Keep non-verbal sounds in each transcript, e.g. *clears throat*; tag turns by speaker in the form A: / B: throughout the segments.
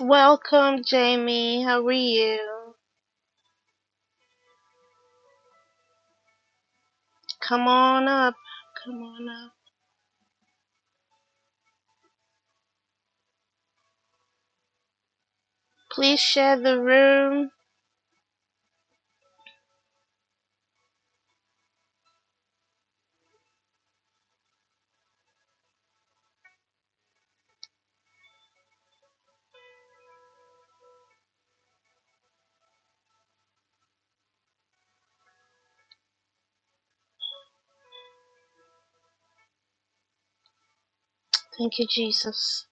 A: Welcome, Jamie. How are you? Come on up. Come on up. Please share the room. Thank you, Jesus.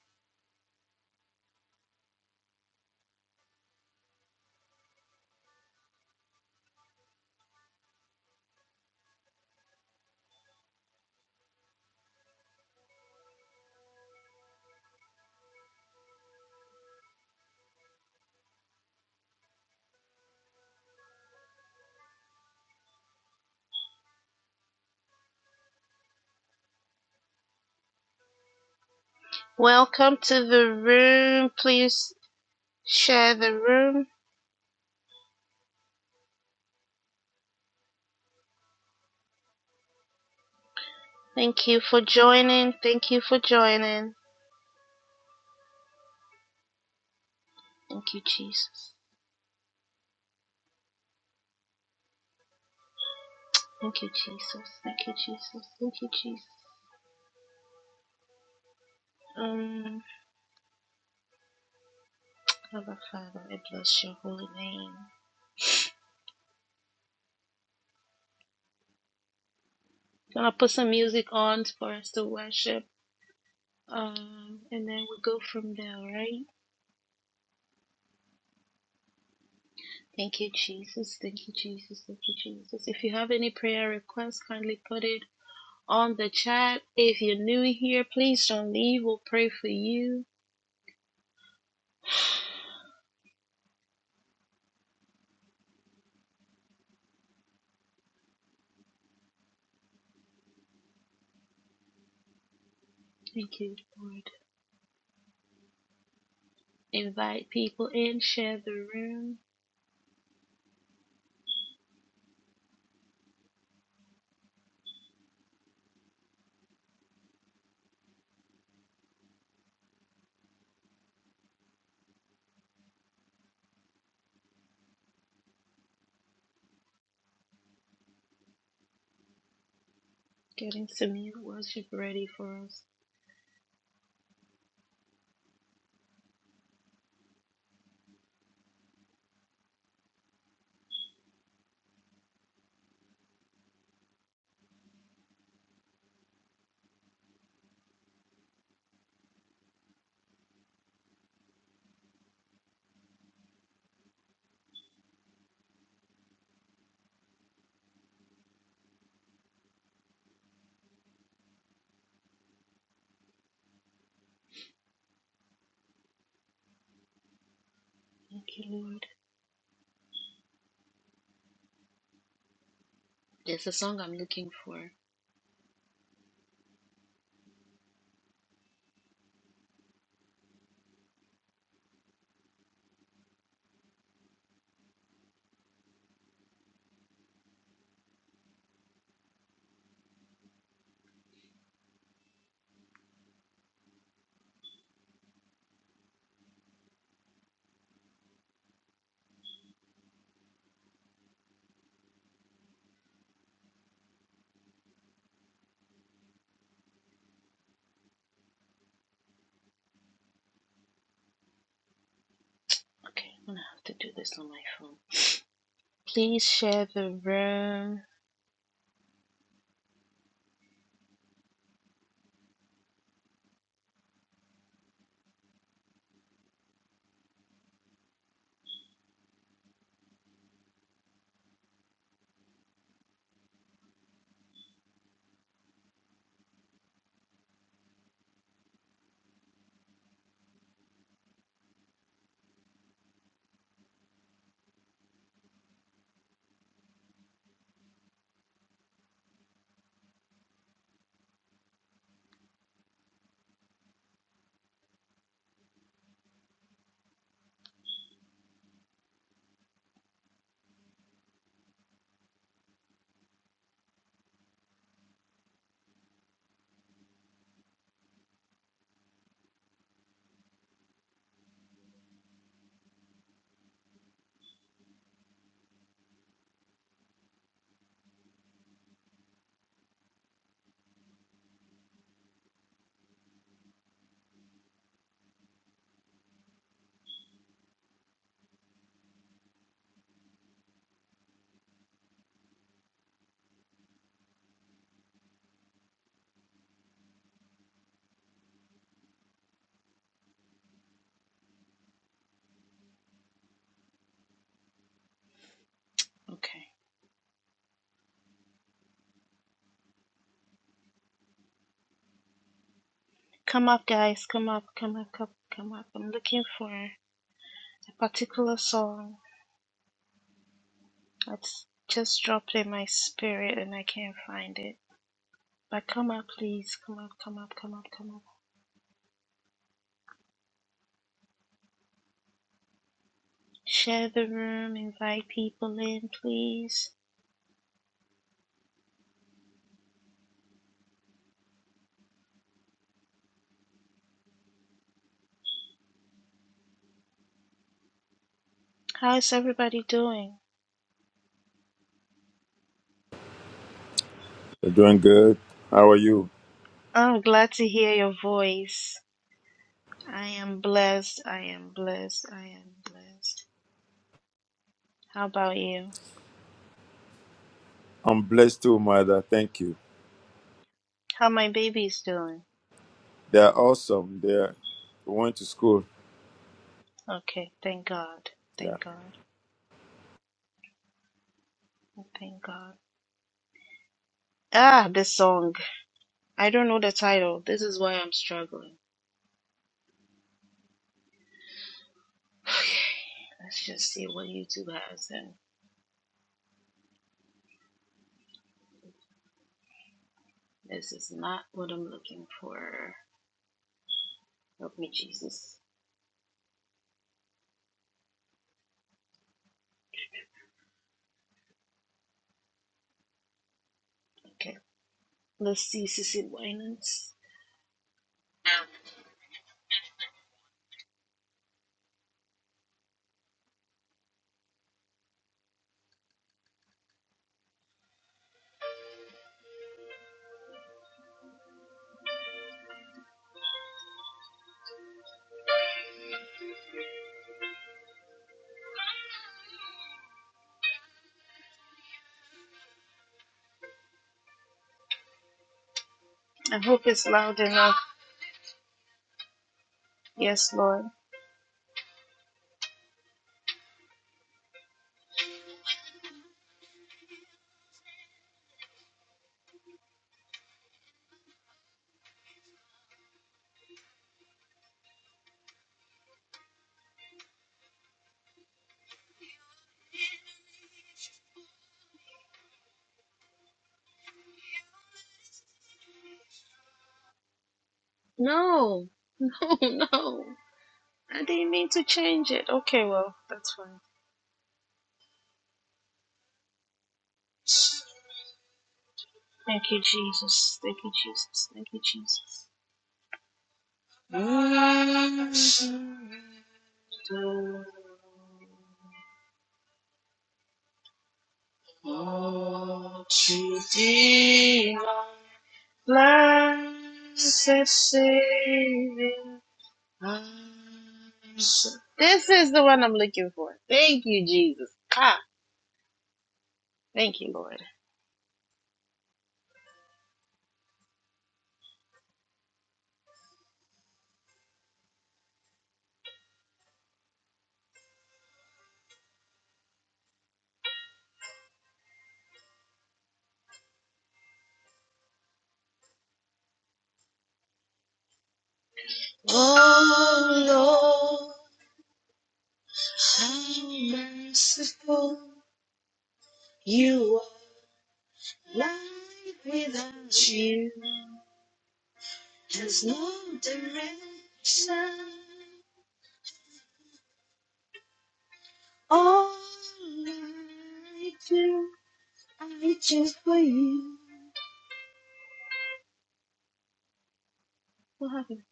A: Welcome to the room. Please share the room. Thank you for joining. Thank you for joining. Thank you, Jesus. Thank you, Jesus. Thank you, Jesus. Thank you, Jesus. Um, Abba Father, I bless your holy name. Gonna put some music on for us to worship. Um, and then we go from there, right? Thank you, Jesus. Thank you, Jesus. Thank you, Jesus. If you have any prayer requests, kindly put it on the chat. If you're new here, please don't leave. We'll pray for you. Thank you, Lord. Invite people in, share the room, getting some new worship ready for us. Thank you, Lord. There's a song I'm looking for. Okay, I'm gonna have to do this on my phone. Please share the room. Okay. Come up, guys. Come up, come up, come, up. come up. I'm looking for a particular song. It's just dropped in my spirit and I can't find it. But come up, please. Come up, come up, come up, come up. Share the room, invite people in, please. How's everybody doing?
B: You're doing good. How are you?
A: Oh, glad to hear your voice. I am blessed. I am blessed. I am blessed. How about you?
B: I'm blessed too, mother. Thank you.
A: How my baby's doing?
B: They're awesome. They are went to school.
A: Okay, thank God.
B: Yeah.
A: Thank God. Thank God. Ah, this song. I don't know the title. This is why I'm struggling. *laughs* *sighs* Let's just see what YouTube has. And this is not what I'm looking for. Help me, Jesus. Okay. Let's see Sissy Winans. I hope it's loud enough. Yes, Lord. No. *laughs* No, no. I didn't mean to change it. Okay, well, that's fine. Thank you, Jesus. Thank you, Jesus. Thank you, Jesus. All to thee. Blessed Savior. so- This is the one I'm looking for. Thank you, Jesus. Ah, thank you, Lord. Oh, Lord, how merciful you are. Life without you is no direction. All I do, I just for you. What happened?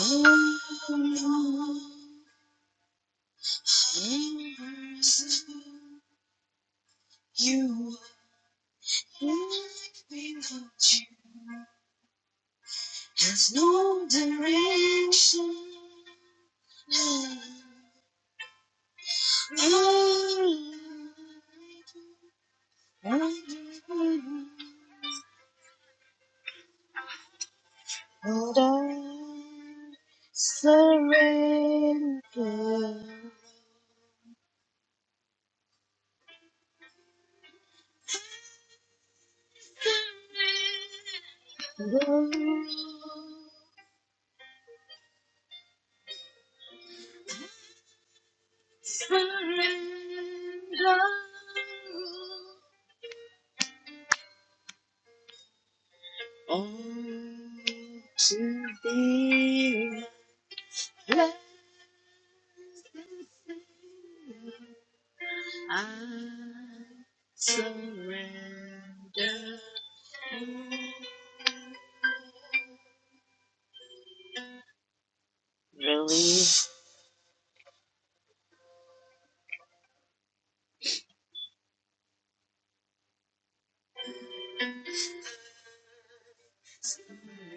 A: Oh, Lord. person You are like without you. has no direction. But I surrender. Surrender. Surrender. On to thee let I surrender. Release.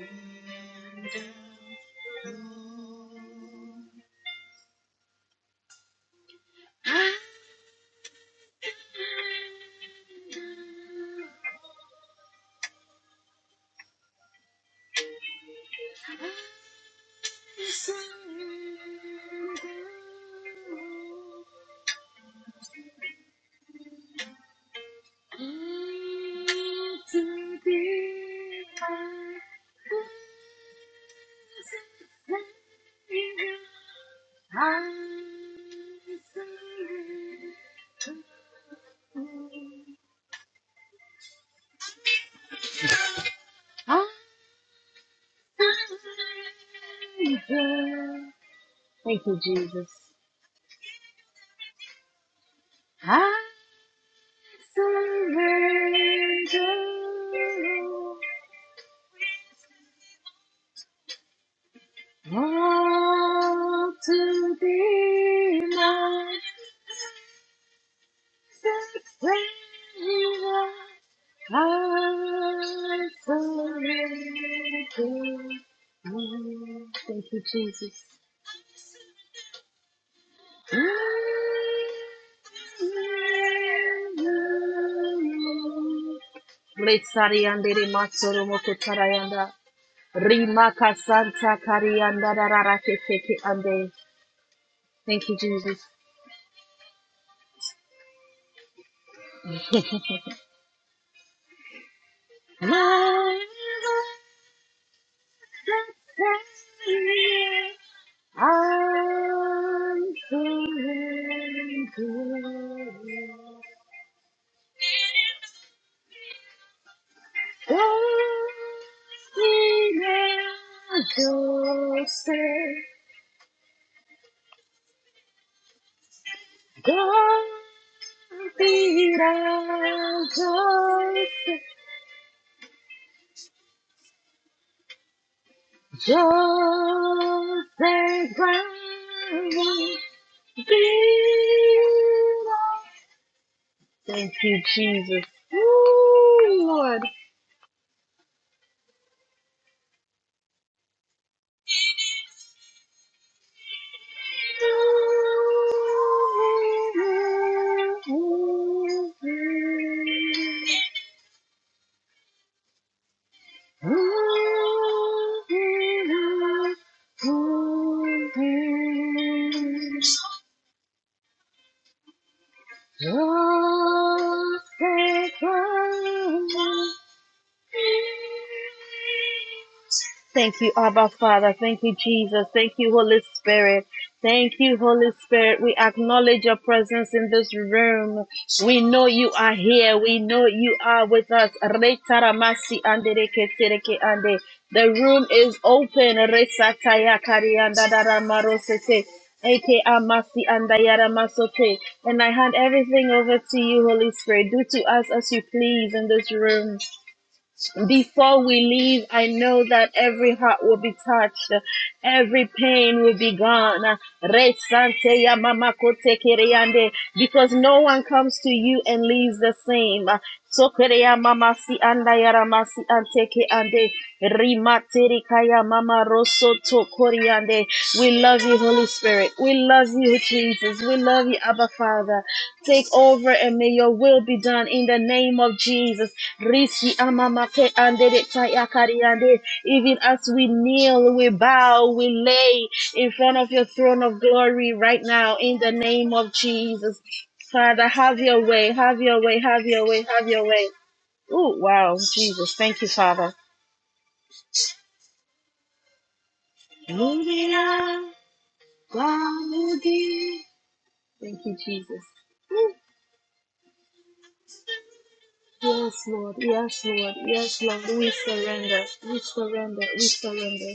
A: I surrender. I surrender. To be my blessed Savior, I surrender. Thank you, Jesus. I surrender all to thee, Savior, I surrender. Oh, Thank you, Jesus. Mletsariande rematsoro mokotarayanda. Rimaka santa karianda rarara kekeke ande. Thank you, Jesus. My Lord, the Savior, I'm singing to you. Dancing at your step. Dancing at your step. Joseph Brown. Thank you, Jesus. Ooh, Lord. Thank you. Thank you, Abba Father. Thank you, Jesus. Thank you, Holy Spirit. Thank you, Holy Spirit. We acknowledge your presence in this room. We know you are here. We know you are with us. Retaramasi andereke tereke ande. The room is open. Resataya kariandadaramarosete. Eke amasi andayara masote. And I hand everything over to you, Holy Spirit. Do to us as you please in this room. Before we leave, I know that every heart will be touched, every pain will be gone. Resante ya mama kote kereyande, Because no one comes to you and leaves the same. So kereya mama si anda yara masi ante ande. Rimaterika ya mama roso to koreande. We love you, Holy Spirit. We love you, Jesus. We love you, Abba Father. Take over and may your will be done in the name of Jesus. Risi amamate andere tayakari ande. Even as we kneel, we bow, we lay in front of your throne of glory right now in the name of Jesus. Father, have your way, have your way, have your way, have your way. Oh, wow, Jesus. Thank you, Father. Thank you, Jesus. Yes, Lord. Yes, Lord. Yes, Lord. We surrender. We surrender. We surrender.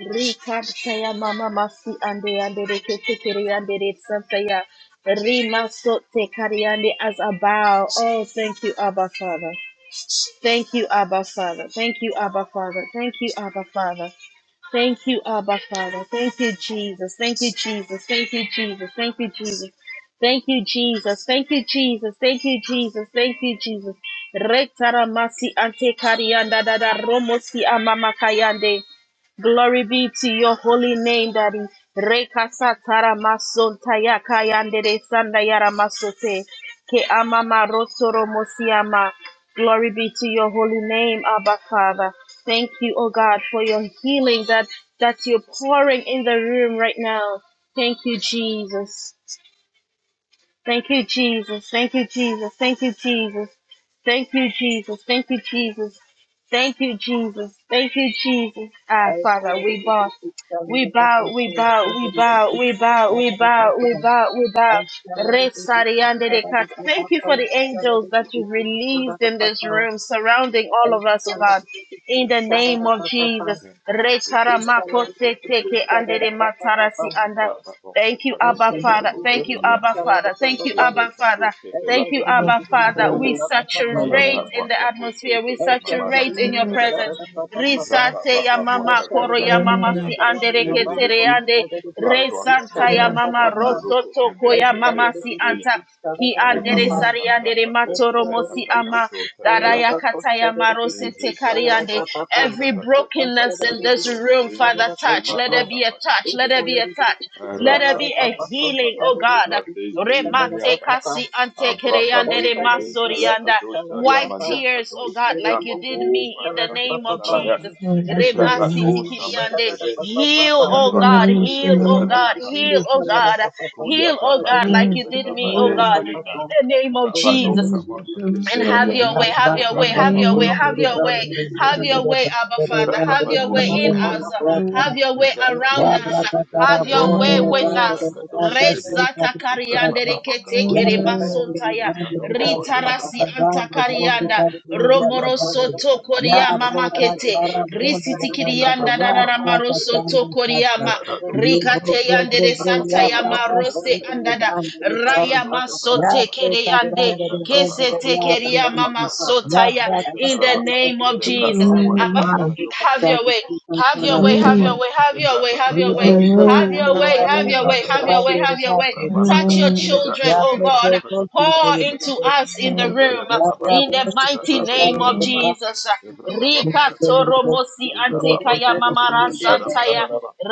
A: Rikaptaya mama masi ande ande rekete kiri ande retsantaya. Rimasote kari ande as a bow. Oh, thank you, Abba Father. Thank you, Abba Father. Thank you, Abba Father. Thank you, Abba Father. Thank you, Abba Father. Thank you, Jesus. Thank you, Jesus. Thank you, Jesus. Thank you, Jesus. Thank you, Jesus. Thank you, Jesus. Thank you, Jesus. Thank you, Jesus. Retaramasi ante karianda dada romosi amama kayande. Glory be to your holy name, Daddy. Rekasatara masonta yakayandere sandayara masote. Ke amama rotoro mosiama. Glory be to your holy name, Abba Father. Thank you, oh God, for your healing that, that you're pouring in the room right now. Thank you, Jesus. Thank you, Jesus. Thank you, Jesus. Thank you, Jesus. Thank you, Jesus. Thank you, Jesus. Thank you, Jesus. Thank you, Jesus. Ah,
C: I
A: Father,
C: started to
A: we
C: get
A: bow.
C: this started
A: We
C: up
A: bow,
C: our
A: we
C: course,
A: bow, we
C: started to get
A: bow,
C: this
A: we bow, we
C: started up
A: bow, we
C: our
A: bow, we bow.
C: I started to
A: Re
C: get this
A: sariande de
C: started
A: kat-
C: up
A: Thank
C: our
A: you for the
C: course, started
A: angels
C: to get
A: that you've
C: this
A: released
C: started
A: in
C: up
A: this
C: our
A: room, surrounding all
C: I
A: of us, oh
C: started
A: God.
C: to get this
A: In the
B: Yes,
C: started
A: name
C: the
A: of
B: Abrato
C: our I
B: Shaka
A: Jesus.
B: Branda
A: Re
B: Pato Kataka
C: started
A: saramako
C: to
A: se
B: Paseka
C: get this
A: teke
B: Doka
A: ande
C: started the
A: de
B: Develaba,
A: matarasi
C: our
A: anda.
B: Libra Babo
A: Thank you,
B: Seka
C: I
A: Abba
C: started
B: Beseka
C: to
A: Father.
C: get this
B: Doka
D: Hallelujah.
A: Thank you,
B: Demia,
A: Abba
C: started the
A: Father. Thank
B: and
A: you,
C: our
A: Abba
B: Debreka
A: Father.
B: Doka
C: I
A: Thank you,
C: started
B: Velaka
C: to get
B: To
A: Abba
C: this
A: Father.
C: started the
B: Serebe,
A: We
C: our
D: Hallelujah.
A: saturate
B: Yava
A: in the
B: Waka Beto
A: atmosphere. We
C: I
B: Teve
C: started to get
B: Mamana
A: saturate in
B: Koka
A: your
B: Veleba,
A: presence.
C: this started the
B: Libra
C: our
A: Risate ya
B: Baba
C: I
A: mama
B: Mwaka
C: shudder
A: koro
C: to be
A: ya
B: Vatasa
C: the
A: mama
C: peace,
D: Hallelujah.
A: si
C: I
B: Dakato
C: love it,
A: andere
C: Papa.
B: Serebe,
C: I
A: ketere ande
C: shudder to the
B: Vato
C: peace, I
A: resanta
C: love
A: ya
B: Akabeta
C: it,
A: mama
C: Papa.
B: Kavento
D: Hallelujah.
B: Loko
A: rosoto ko
C: I
A: ya
B: Kevente
C: shudder
A: mama
C: to
A: si
B: Veta
C: the
A: anta.
C: peace, I
A: Ki
C: love it,
B: eh, ko-
A: andere
B: ka-
C: Papa.
B: ka- ka-
A: sariandere
B: ka-
C: I
B: pe-
A: matoro
C: shudder to
A: mosi
C: the
A: ama
C: peace, I love it,
A: daraya
B: da.
C: Papa.
A: kataya marose
B: Eh, ze- za- ka-
A: tekariande.
B: pro- ka- pe- ka-
A: Every
C: I
A: brokenness
C: shudder to
A: in this
C: the
B: to.
C: peace,
A: room,
B: Se-
C: I
B: ze-
C: love
A: Father,
C: it,
A: touch.
B: la-
A: Let
B: ba-
A: there
C: Papa.
A: be
B: da-
A: a
B: ba- ka-
A: touch.
C: I
B: to-
A: Let there
C: shudder
A: be a
C: to
A: touch.
C: the
B: Eh,
C: peace,
A: Let
C: I
A: there
C: love
A: be
C: it,
A: a
C: Papa.
A: healing,
C: I
A: oh
B: no-
C: shudder
B: ko-
A: God.
B: ka-
C: to the
B: de-
C: peace, I love it,
A: Remate kasi
C: Papa. I
A: ante
B: Abra
A: kereyande
B: babo
C: shudder to
B: bebe
C: the
B: sala
A: remasorianda.
C: peace,
B: kato
C: I love it, Papa. I shudder the peace, I love it, Papa. I shudder the peace, I love it,
B: sharia
A: Wipe
C: Papa.
B: mandia
A: tears,
B: kato
A: oh
C: I
A: God,
C: shudder
B: shiria
A: like you
C: the
A: did
B: bako
A: me in
B: bada
A: the
B: kape
A: name of
B: salapa
A: Jesus.
B: livre
A: Remasiti
B: bato
C: peace,
B: samen
C: I
A: kiriande.
C: love
B: bebe
C: it,
A: Heal,
C: Papa.
A: oh
B: kato
A: God,
B: kapo
C: Thank
A: heal, oh God,
B: kepe
A: heal, oh God,
B: Kuya
A: heal, oh God,
B: tapato
A: like you did
B: kepeta
A: me, oh
B: vanez
A: God,
B: velita.
A: in the name of
B: Tapato
A: Jesus
B: kapata
A: and have
B: teserebe.
A: your
E: La
A: way, have your
E: brata
B: Lebra
A: way,
E: bara
A: have
B: papa
A: your way,
E: bhot
B: manako
A: have
E: mere
A: your
E: ban
A: way,
B: kapada
E: mere bara
A: have your
B: teserebe.
E: mere
A: way,
E: ban
A: Abba
E: mere
A: Father,
B: Libra
E: Ya
A: have
E: mere
B: papa
A: your
E: ban
A: way
B: dosha
E: mere
A: in
E: bhot
B: kapada
A: us,
E: Ya
B: kata.
A: have your
E: karato.
A: way
B: Libra
E: Ya
A: around
B: kapote
A: us,
E: brata kara
A: have
E: bo
B: seketerebe.
A: your way
E: mere
A: with
E: ban mere
A: us.
B: Libra kato
E: ya
B: serebe.
E: kashri
A: Resata
E: kapu
B: Libra
A: kariande
E: chata.
B: papa
A: rekete
B: makapo
E: Ya
A: kere
B: serebe.
E: brata
D: Hallelujah.
E: mere
A: masontaya
B: Ya
E: ban mere
B: nadoko
E: kashri
B: pato
A: ritarasi
B: kapeta
E: kapan
A: anta
E: de bon de
B: kapasete.
A: karianda
E: kapan de ya
B: Kota
A: romoro
E: brata.
B: kapote
A: soto
E: Ya
B: vemanos
A: koria mama
B: wesiti
E: broka
A: kete
E: chara
B: kapepere.
E: bronda de ganda
B: Ya
A: risiti
E: de
A: Yanda
E: ya
B: papa
A: Da
B: papa
E: broka
A: maroso
B: kopepebe.
E: chanda chata.
A: tokoriama
B: Ya rado
E: Ye
B: papa
E: bro
A: rikate
E: bro
B: papa.
A: yande
E: bro
A: de
E: bro
A: santa
B: Ya
E: ya
A: ya
B: papa
E: broka
B: papa
A: marose
E: chanda de
A: andada
E: ganda de
B: Yes, I
A: raya
E: chanda.
A: maso
C: you.
E: Ya
A: tekere
E: broka
C: I
A: yande
C: thank
E: chanda de ganda
A: kese
E: de ya
A: tekeria
E: broki ki.
A: mama
E: Ya
A: sotaya
E: broka
A: in the
E: chara
A: name of
E: broki ki.
A: Jesus. Abba,
D: Hallelujah.
E: Mami
A: have your
E: chara
A: way.
E: chita
A: Have
E: chara
A: your way, have
E: broki
A: your
D: Hallelujah.
A: way, have
E: ki.
A: your way, have your
E: Ye
A: way,
E: bro bro
A: have
E: bro
A: your
D: Hallelujah.
E: bro ya
A: way, have your
E: broka
D: Hallelujah.
A: way,
E: de
A: have your way, have your
E: ganda
A: way.
E: de
A: Touch your
E: chata.
D: Hallelujah.
A: children,
E: Ya
A: oh
E: bro
A: God.
E: bro bro ki ke
A: Pour into
E: de
A: us in the
D: Hallelujah.
A: room in the mighty name of Jesus. Rika Toromosi Antekaya Mamara Santaya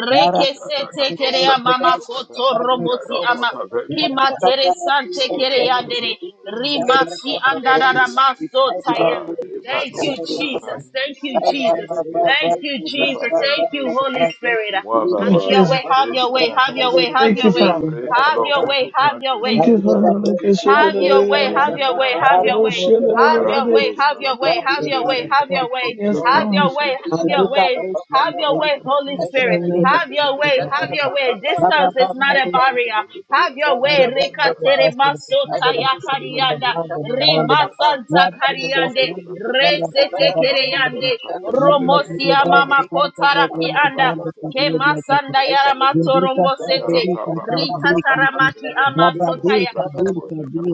A: Reke Sete
B: can't
A: Kerea
B: shaka,
A: Mama Kotoromosi Ama
B: can't
A: Kima Tere Sante Kerea
E: Thank you.
A: Dere Rima Si
E: Thank
A: Andarara Maso Taya. Thank you, Jesus. Thank you, Jesus. Thank you, Jesus. Thank you, Holy Spirit.
C: you,
A: Have
D: Thank you.
A: your way, have your way, have your way, have
D: Thank you,
A: your way.
D: Father.
A: Have
C: Jesus.
A: your way, have your way.
D: Thank
C: I
D: you,
C: shall
D: Father. Thank
A: Have your
D: you,
A: way, have your way, have your way. Have your
D: Father.
A: way, have your way, have your way, have your way,
D: Yes,
A: have
D: Lord.
A: your way,
D: Thank
A: have your way, have your way, Holy
D: you,
A: Spirit. Have your way, have your way. Distance is not a barrier.
B: Thank
E: you.
A: Have your way,
E: Rabbo
A: Rika Teremasota Yakarianda, Rima Santa Kariande, Resete Kereyande, Romosia Mama Kotaraki Anda, Kemasanda Yaramatoro Mosete, Rita Taramaki Ama
C: be
A: sotaya.
C: the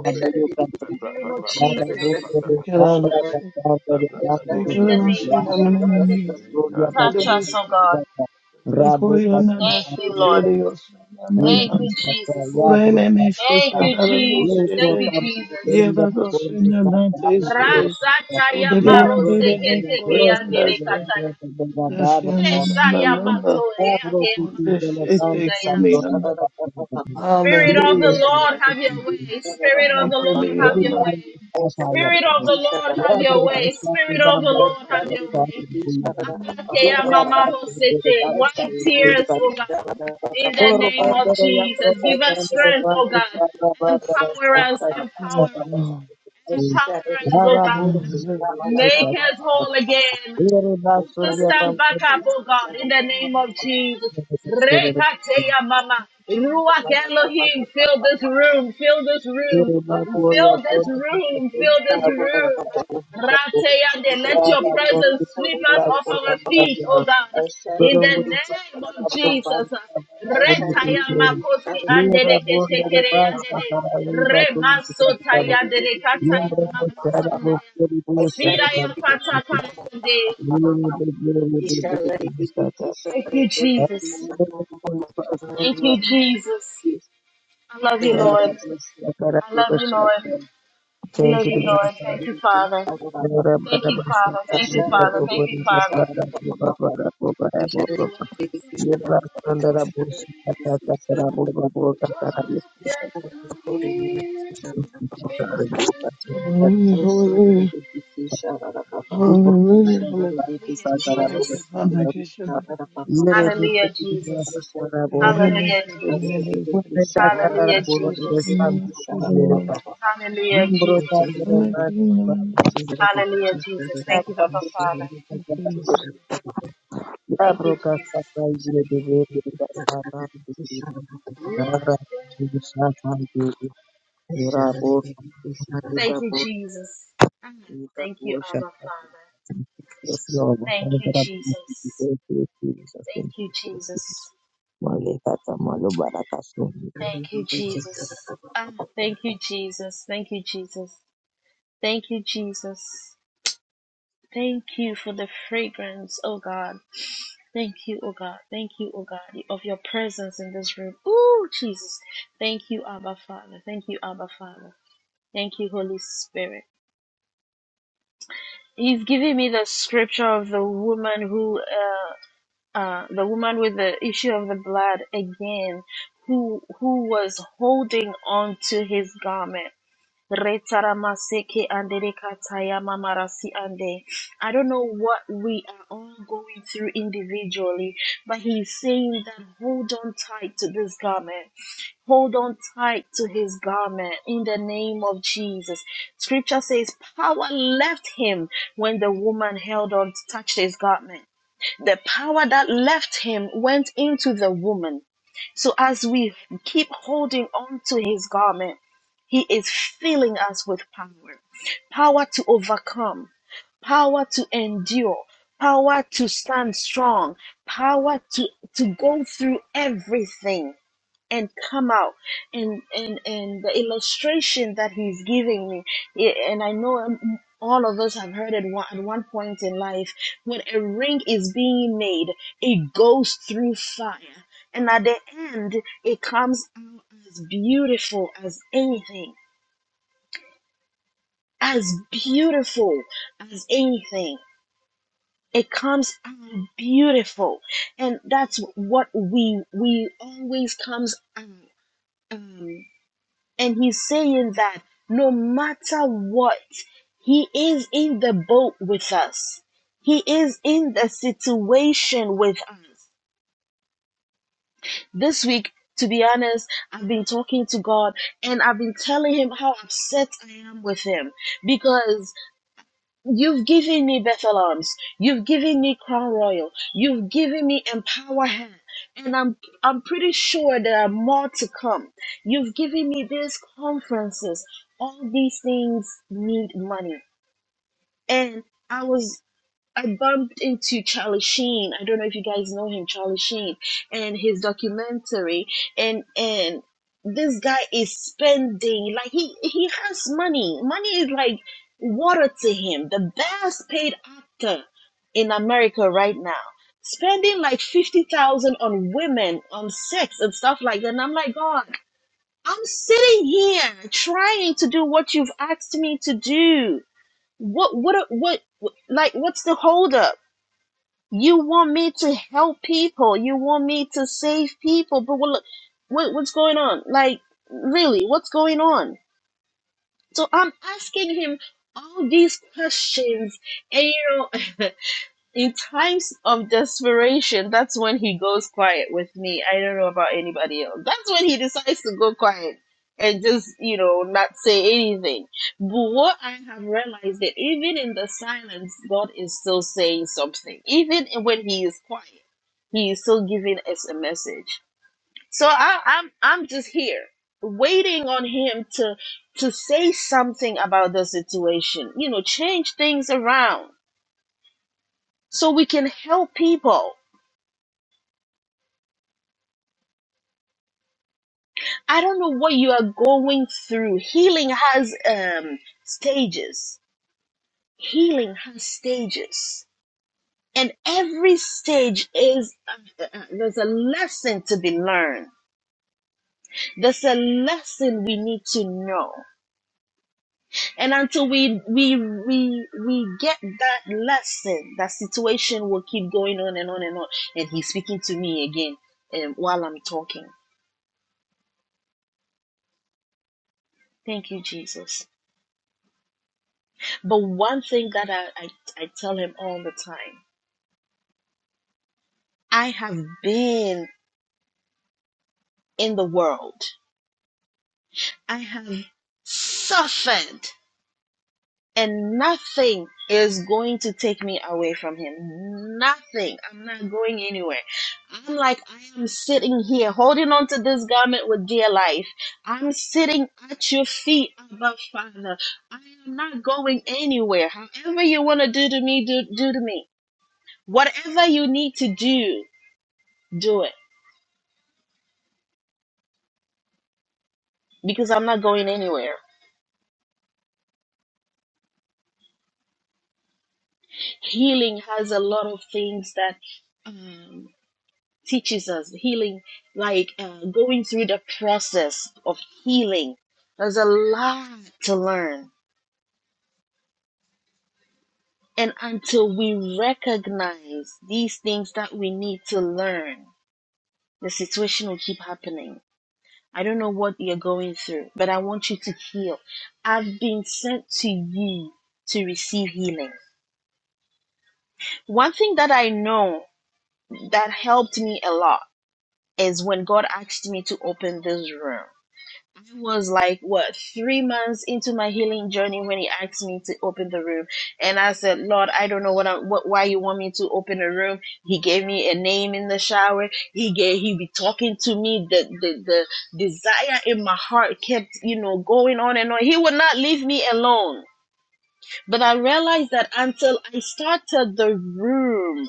C: I
A: In the name of Jesus.
D: Father. Thank
A: In the name of Jesus.
D: you,
A: Touch us, oh
D: Lord.
A: God.
B: you,
D: They
B: Jesus.
D: Koreana that
A: Thank you,
D: shit
A: Lord.
D: that it. also na na
A: Thank
D: na.
A: you,
E: Yebrosata,
A: Jesus.
D: Korean and they shit
A: Thank
E: Yabrosata,
D: that
A: you,
D: that
A: Jesus.
D: shit
A: Thank you,
D: they.
A: Jesus.
D: Yeah,
E: Yebrokambinda,
D: that that shit na na
E: Bondesata,
D: they shit they.
E: Yabrosata,
A: Rasataya maro
D: Korean they they
A: seke
D: they
E: Yabrondesira,
A: seke
D: Korean that
A: andere
E: Bosesira,
D: shit
E: Dira,
A: kataya.
E: Dira,
D: that shit
E: Baba,
D: na na na
A: Reshaya
D: na na.
A: mato eke
D: That
E: Yabrokindela,
A: mamaro
D: shit they
E: Bandesata,
A: sondaya.
D: Korean.
E: Bondesata,
A: Spirit of the
D: Hallelujah.
E: Yebrokambinda,
A: Lord, have your way. Spirit of
D: They
A: the Lord, have your
D: Korean.
A: way.
E: Yeribandesata,
A: Spirit of
E: Yabro,
A: the Lord, have your way.
E: Yabrokesata,
A: Spirit of the Lord, have
E: Bambodesata,
A: your way.
E: Yabrokambinda,
A: Kaya
E: Dira,
A: mama
E: Baba,
A: Rosete, Wipe
E: Dira,
A: tears,
E: Baba,
A: oh God, in the
E: Oro
A: name of
E: bandera ya
A: Jesus.
E: prota
A: Give us
E: bandera
A: strength, oh
E: bandi
A: God.
E: para bandera
A: Empower us,
E: sinta sinta
A: empower
D: Yes,
E: bandera
A: us,
D: Lord.
E: sinta
A: empower us, oh
E: para
A: God.
E: burke
D: Hallelujah.
E: bandera
A: Make us
E: sinta
A: whole again
E: ere ba
A: to
E: surya
A: stand back up,
E: bandera
A: oh God, in the name of Jesus.
E: sinta
A: Rekateya mama. Ruach Elohim, fill this room, fill this room,
E: ere ba
A: fill
E: gloria
A: this
E: bandera
A: room, fill
E: sinta
A: this
E: bandera
A: room.
E: sinta
A: Rateyande,
E: ya
A: let your
E: ba
A: presence
E: burke
A: sweep
E: kere ba
A: us off our
E: surya
A: feet,
E: ya
A: oh God. In the
E: dorongo
A: name
E: bandera
A: of Jesus.
E: sinta bandera burke
A: Retaya
E: kere.
A: makosi
E: ere ba
A: andere
E: bandera
A: ketekere
E: ba
A: andere.
E: sara ere ba
A: Remasotaya andere
E: Thank
A: kataya marasandaya. Siraya
E: you.
A: katakande. Thank you, Jesus. Thank you, Jesus. I love you,
C: Thank you,
A: Lord.
C: Jesus.
A: I love you, Lord. I love you, Lord. Thank you, Father. Thank you, Father.
C: I
A: Thank you, Father. Thank you, Father. You walk down here in this
D: Hallelujah.
A: place.
E: Imbere
D: Hallelujah. Hallelujah. Hallelujah.
A: Hallelujah,
D: Thank you,
A: Jesus.
D: Father.
A: Hallelujah, Jesus.
D: Yala
A: Hallelujah,
D: shada dada
A: Jesus.
D: dada shada dada.
A: Hallelujah, Jesus.
D: Mama kiri mama.
A: Hallelujah, Jesus.
D: Mama kiri mama.
A: Hallelujah, Jesus. Thank you, Abba Father.
D: Okay.
A: Thank you, Jesus. Thank you, Jesus.
E: You got
A: Thank you,
E: worship.
A: Abba Father.
E: Yes, Lord.
A: Thank
E: Father
A: you,
E: God, I thank you.
A: Jesus.
E: Thank you, Jesus.
A: Thank
E: Thank
A: you,
E: you for the
A: Jesus.
E: gift. Malekata malubarakasu.
A: Thank you, Jesus. Thank you, Jesus. Thank you, Jesus. Thank you, Jesus. Thank you for the fragrance, oh God. Thank you, oh God. Thank you, oh God, of your presence in this room. Ooh, Jesus. Thank you, Abba Father. Thank you, Abba Father. Thank you, Holy Spirit. He's giving me the scripture of the woman who, uh, uh, the woman with the issue of the blood again, who who was holding on to his garment. Retaramaseke andere kataya mamarasi ande. I don't know what we are all going through individually, but he is saying that hold on tight to this garment. Hold on tight to his garment in the name of Jesus. Scripture says power left him when the woman held on, touched his garment. The power that left him went into the woman. So as we keep holding on to his garment, he is filling us with power power to overcome, power to endure, power to stand strong, power to, to go through everything and come out and and and the illustration that he's giving me yeah, and i know um, all of us have heard it one, at one point in life when a ring is being made it goes through fire and at the end it comes out as beautiful as anything as beautiful as anything. It comes out beautiful, and that's what we we always comes out. Um, and he's saying that no matter what, he is in the boat with us. He is in the situation with us. This week, to be honest, I've been talking to God and I've been telling him how upset I am with him because You've given me Bethel Arms. You've given me Crown Royal. You've given me Empower Hand. And I'm I'm pretty sure there are more to come. You've given me these conferences. All these things need money. And I was I bumped into Charlie Sheen. I don't know if you guys know him, Charlie Sheen, and his documentary. And and this guy is spending like he he has money. Money is like water to him. The best paid actor in America right now, spending like fifty thousand on women, on sex and stuff like that. And I'm like, God, I'm sitting here trying to do what you've asked me to do. What what what like what's the holdup? You want me to help people. You want me to save people. But what, what what's going on? Like, really, what's going on? So I'm asking him all these questions, and you know, *laughs* in times of desperation, that's when he goes quiet with me. I don't know about anybody else. That's when he decides to go quiet and just, you know, not say anything. But what I have realized that even in the silence, God is still saying something. Even when he is quiet, he is still giving us a message. So I, I'm I'm just here waiting on him to to say something about the situation. You know, change things around so we can help people. I don't know what you are going through. Healing has um, stages. Healing has stages. And every stage is, uh, uh, there's a lesson to be learned. There's a lesson we need to know. And until we, we, we, we get that lesson, that situation will keep going on and on and on. And he's speaking to me again um, while I'm talking. Thank you, Jesus. But one thing that I, I, I tell him all the time I have been in the world, I have suffered, and nothing is going to take me away from him. Nothing. I'm not going anywhere. I'm like, I am sitting here holding on to this garment with dear life. I'm sitting at your feet, Abba Father. I am not going anywhere. However, you want to do to me, do, do to me. Whatever you need to do, do it because I'm not going anywhere. Healing has a lot of things that um, teaches us. Healing, like uh, going through the process of healing, there's a lot to learn. And until we recognize these things that we need to learn, the situation will keep happening. I don't know what you're going through, but I want you to heal. I've been sent to you to receive healing. One thing that I know that helped me a lot is when God asked me to open this room. I was like, what, three months into my healing journey when He asked me to open the room. And I said, Lord, I don't know what, I, what why you want me to open a room. He gave me a name in the shower. He gave, He be talking to me. The, the, the desire in my heart kept, you know, going on and on. He would not leave me alone. But I realized that until I started the room,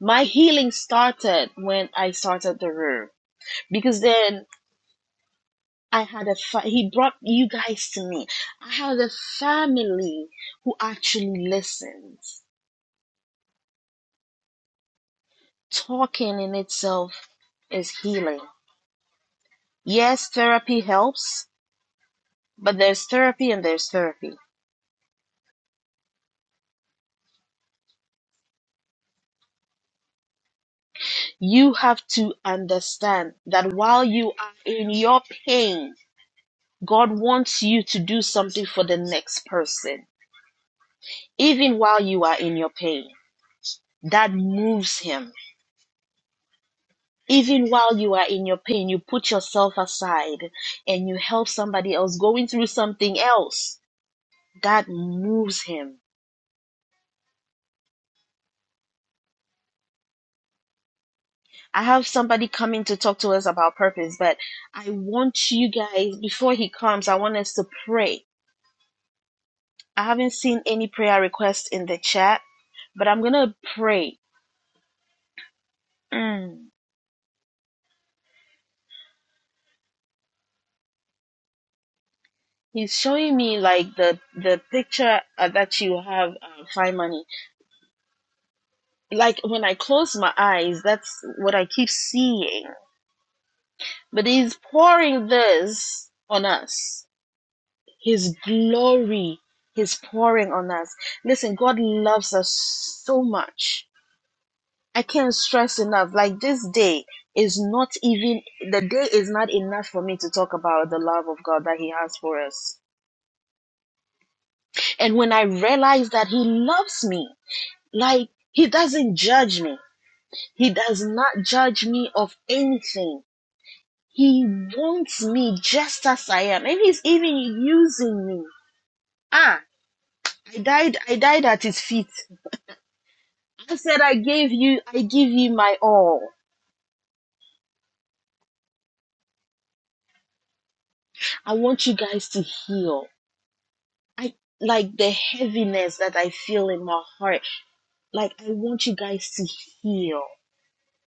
A: my healing started when I started the room because then I had a fa- he brought you guys to me. I had a family who actually listens. Talking in itself is healing. Yes, therapy helps, but there's therapy and there's therapy. You have to understand that while you are in your pain, God wants you to do something for the next person, even while you are in your pain. That moves him. even while you are in your pain, you put yourself aside and you help somebody else going through something else. That moves him. I have somebody coming to talk to us about purpose, but I want you guys, before he comes, I want us to pray. I haven't seen any prayer requests in the chat, but I'm going to pray. Mm. He's showing me like the the picture uh, that you have, uh, Fine Money. Like when I close my eyes, that's what I keep seeing But he's pouring this on us. His glory he's pouring on us. Listen, God loves us so much. I can't stress enough. Like this day is not even, the day is not enough for me to talk about the love of God that he has for us. And when I realize that he loves me, like he doesn't judge me, he does not judge me of anything. He wants me just as I am, and he's even using me Ah, I died, I died at his feet. I said, I gave you, I give you my all. I want you guys to heal. I like the heaviness that I feel in my heart. Like, I want you guys to heal.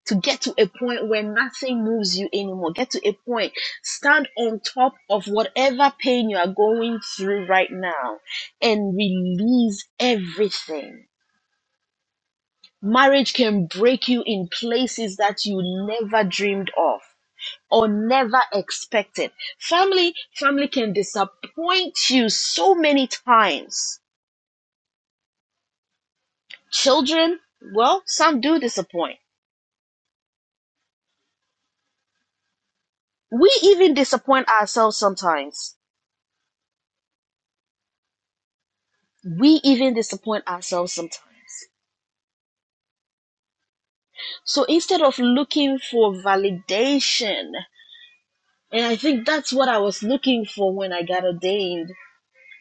A: To get to a point where nothing moves you anymore. Get to a point. Stand on top of whatever pain you are going through right now and release everything. Marriage can break you in places that you never dreamed of or never expected. Family, family can disappoint you so many times. Children, well, some do disappoint. We even disappoint ourselves sometimes. We even disappoint ourselves sometimes. So instead of looking for validation, and I think that's what I was looking for when I got ordained,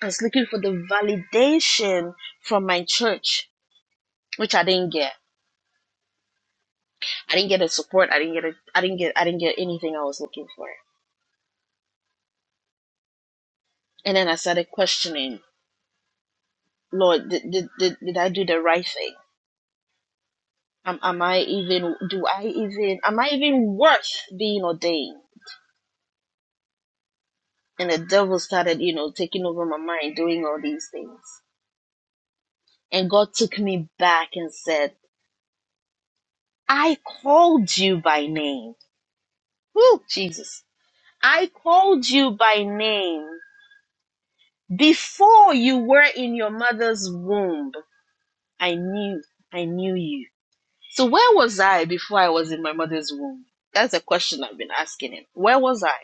A: I was looking for the validation from my church, which I didn't get. I didn't get a support. I didn't get a. I didn't get. I didn't get anything I was looking for. And then I started questioning, Lord, did did did, did I do the right thing? Am, am I even? Do I even? Am I even worth being ordained? And the devil started, you know, taking over my mind, doing all these things. And God took me back and said, I called you by name. Woo, Jesus. I called you by name before you were in your mother's womb. I knew, I knew you. So where was I before I was in my mother's womb? That's a question I've been asking him. Where was I?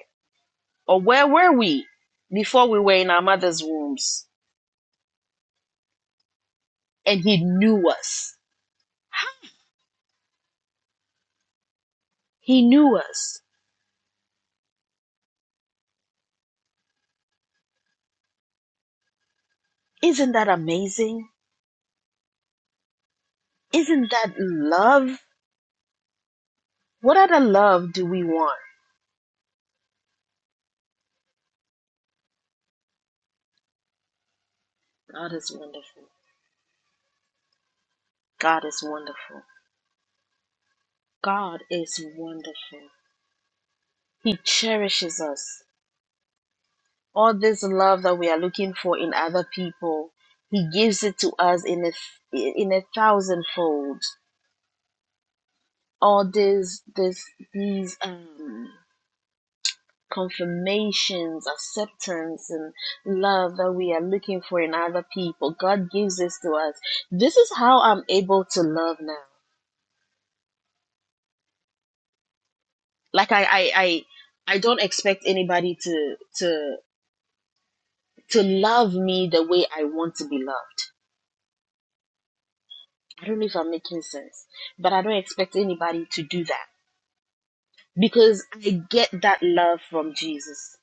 A: Or where were we before we were in our mother's wombs? And he knew us. He knew us. Isn't that amazing? Isn't that love? What other love do we want? God is wonderful. God is wonderful. God is wonderful. He cherishes us. all this love that we are looking for in other people he gives it to us in a in a thousandfold all this this these um confirmations acceptance and love that we are looking for in other people god gives this to us this is how i'm able to love now like i i i, I don't expect anybody to to to love me the way i want to be loved I don't know if I'm making sense, but I don't expect anybody to do that because I get that love from Jesus.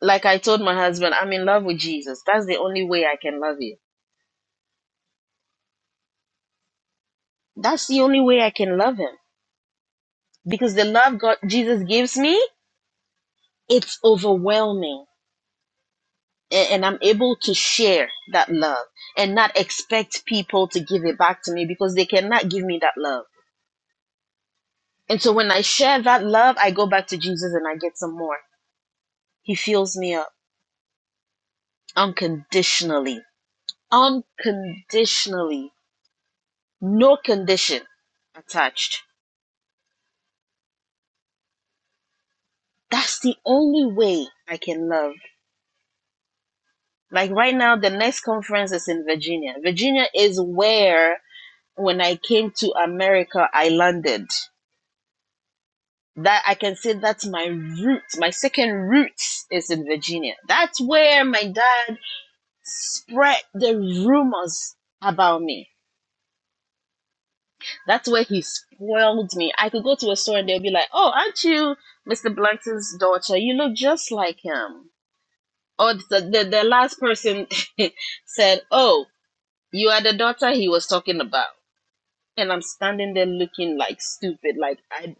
A: Like I told my husband, I'm in love with Jesus. That's the only way I can love you. That's the only way I can love him because the love God Jesus gives me, it's overwhelming A- and I'm able to share that love and not expect people to give it back to me because they cannot give me that love. And so when I share that love, I go back to Jesus and I get some more. He fills me up. unconditionally, unconditionally, no condition attached. That's the only way I can love. Like right now, the next conference is in Virginia. Virginia is where, when I came to America, I landed. That I can say that's my roots. My second roots is in Virginia. That's where my dad spread the rumors about me That's where he spoiled me. I could go to a store and they'll be like, "Oh, aren't you Mr. Blanton's daughter? You look just like him." Or the the, the last person *laughs* said, "Oh, you are the daughter he was talking about." And I'm standing there looking like stupid. Like, I,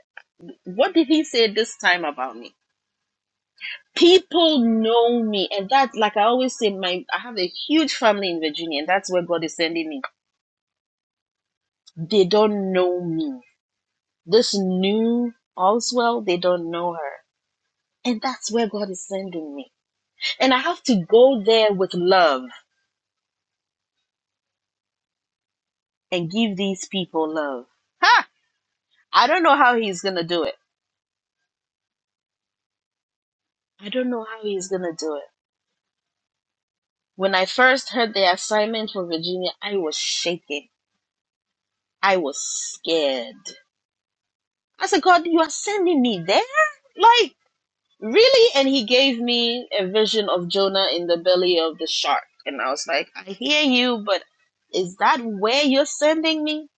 A: what did he say this time about me? People know me, and that, like I always say, my I have a huge family in Virginia, and that's where God is sending me. They don't know me. This new Oswell, they don't know her And that's where God is sending me. And I have to go there with love and give these people love. Ha! I don't know how he's going to do it. I don't know how he's going to do it. When I first heard the assignment for Virginia, I was shaking. I was scared. I said, God, you are sending me there? Like, really? And he gave me a vision of Jonah in the belly of the shark. And I was like, I hear you, but is that where you're sending me?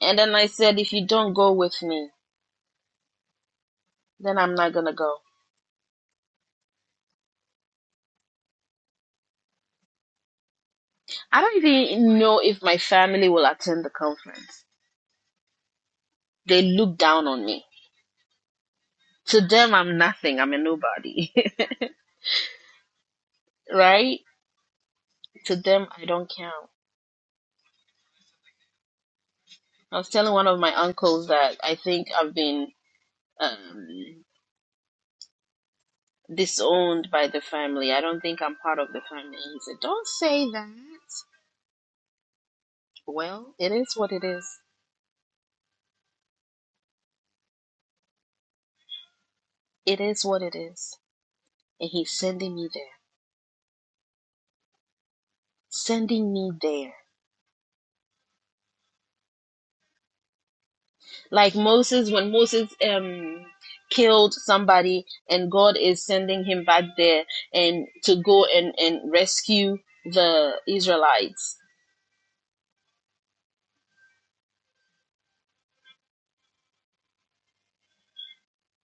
A: And then I said, if you don't go with me, Then I'm not gonna go. I don't even know if my family will attend the conference. They look down on me. To them, I'm nothing. I'm a nobody, *laughs* right? To them, I don't count. I was telling one of my uncles that I think I've been um, disowned by the family. I don't think I'm part of the family. He said, "Don't say that." Well, it is what it is. It is what it is. And he's sending me there. Sending me there. like Moses when Moses um killed somebody and God is sending him back there and to go and and rescue the Israelites.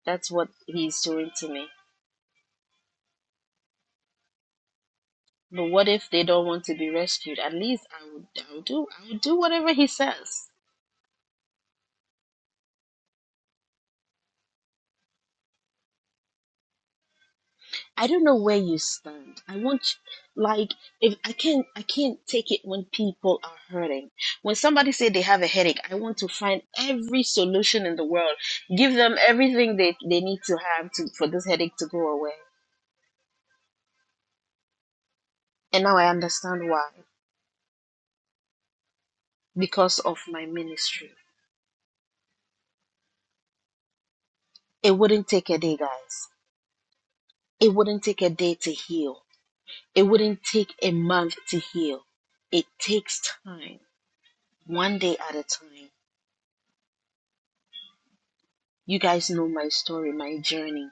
A: That's what he's doing to me. But what if they don't want to be rescued? At least I would I would do I would do whatever he says. I don't know where you stand. I want you- like if I can't I can't take it when people are hurting. When somebody say they have a headache, I want to find every solution in the world. Give them everything they, they need to have to for this headache to go away. And now I understand why. Because of my ministry. It wouldn't take a day, guys. It wouldn't take a day to heal. It wouldn't take a month to heal. It takes time, one day at a time. You guys know my story, my journey.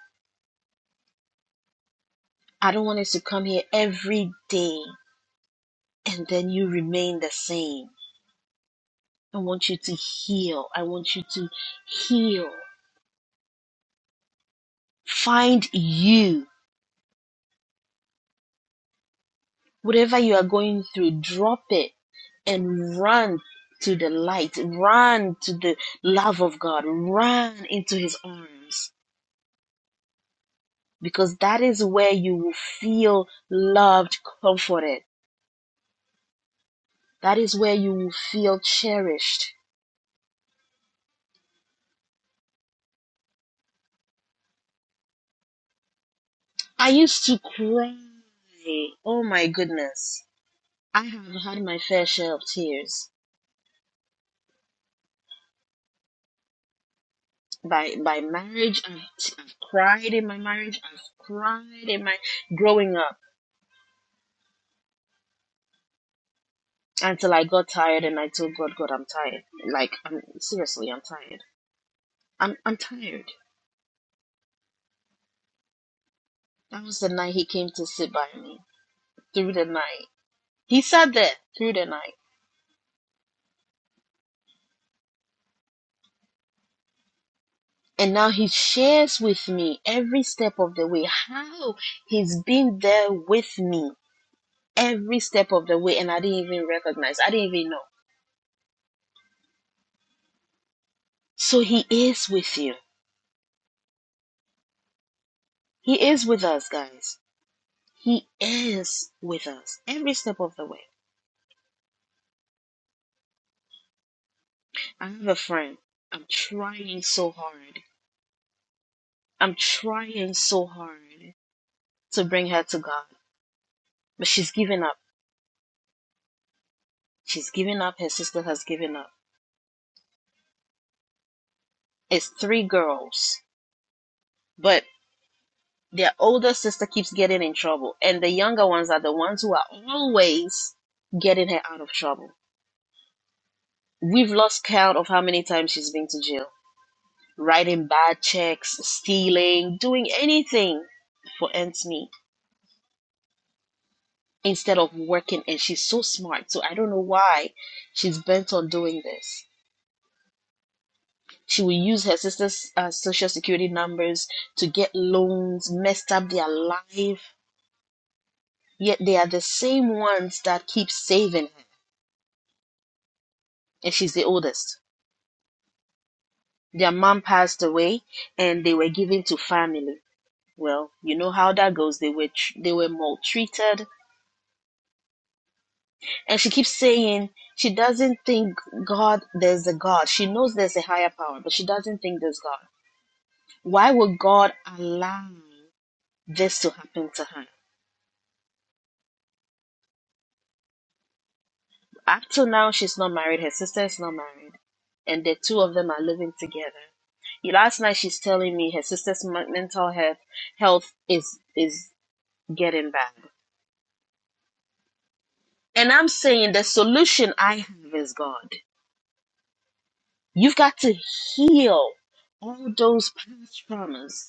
A: I don't want us to come here every day and then you remain the same. I want you to heal. I want you to heal. Find you. Whatever you are going through, drop it and run to the light. Run to the love of God. Run into his arms because that is where you will feel loved, comforted. That is where you will feel cherished. I used to cry. Oh my goodness. I have had my fair share of tears. By by marriage, I've, I've cried in my marriage. I've cried in my growing up until I got tired and I told God, God, I'm tired. Like I'm seriously, I'm tired. I'm I'm tired. That was the night he came to sit by me through the night. He sat there through the night. And now he shares with me every step of the way how he's been there with me every step of the way, and I didn't even recognize. I didn't even know. So he is with you. He is with us, guys. He is with us every step of the way. I have a friend. I'm trying so hard. I'm trying so hard to bring her to God, but she's given up. She's given up. Her sister has given up. It's three girls, but their older sister keeps getting in trouble, and the younger ones are the ones who are always getting her out of trouble. We've lost count of how many times she's been to jail writing bad checks, stealing, doing anything for ends meet instead of working. And she's so smart, so I don't know why she's bent on doing this. She will use her sister's uh, social security numbers to get loans, messed up their life. Yet they are the same ones that keep saving her, and she's the oldest. Their mom passed away, and they were given to family. Well, you know how that goes. They were tr- they were maltreated And she keeps saying she doesn't think God, there's a God. She knows there's a higher power, but she doesn't think there's God. Why would God allow this to happen to her? Up till now, she's not married. Her sister is not married. And the two of them are living together. Last night, she's telling me her sister's men- mental health, health is, is getting bad. And I'm saying the solution I have is God. You've got to heal all those past traumas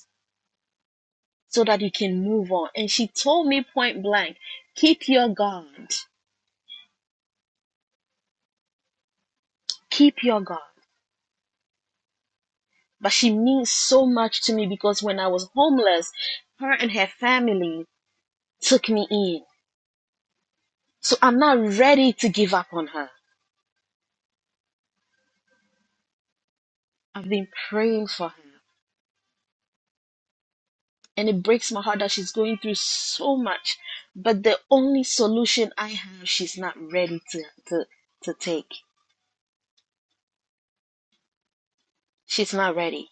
A: so that you can move on. And she told me point blank, keep your guard, keep your guard." But she means so much to me because when I was homeless, her and her family took me in. So I'm not ready to give up on her. I've been praying for her. And it breaks my heart that she's going through so much. But the only solution I have, she's not ready to, to, to take. She's not ready.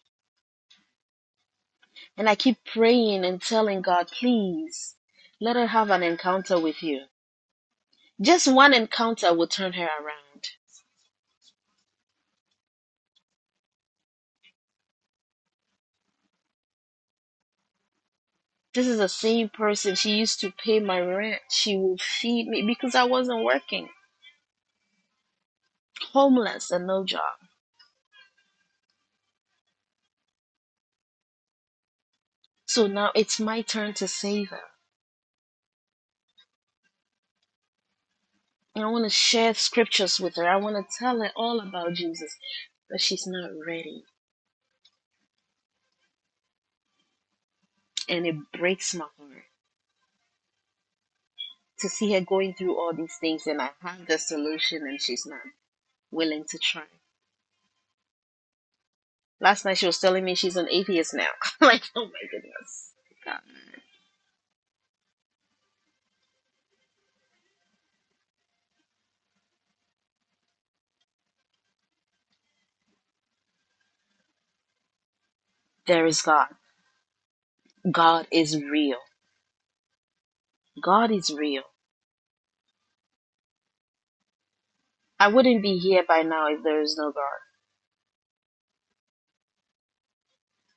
A: And I keep praying and telling God, please let her have an encounter with you. Just one encounter will turn her around. This is the same person. She used to pay my rent. She will feed me because I wasn't working, homeless and no job. So now it's my turn to save her. And I want to share scriptures with her. I want to tell her all about Jesus, but she's not ready. And it breaks my heart to see her going through all these things. And I have the solution and she's not willing to try. Last night she was telling me she's an atheist now. *laughs* like, oh my goodness. God. There is God. God is real. God is real. I wouldn't be here by now if there is no God.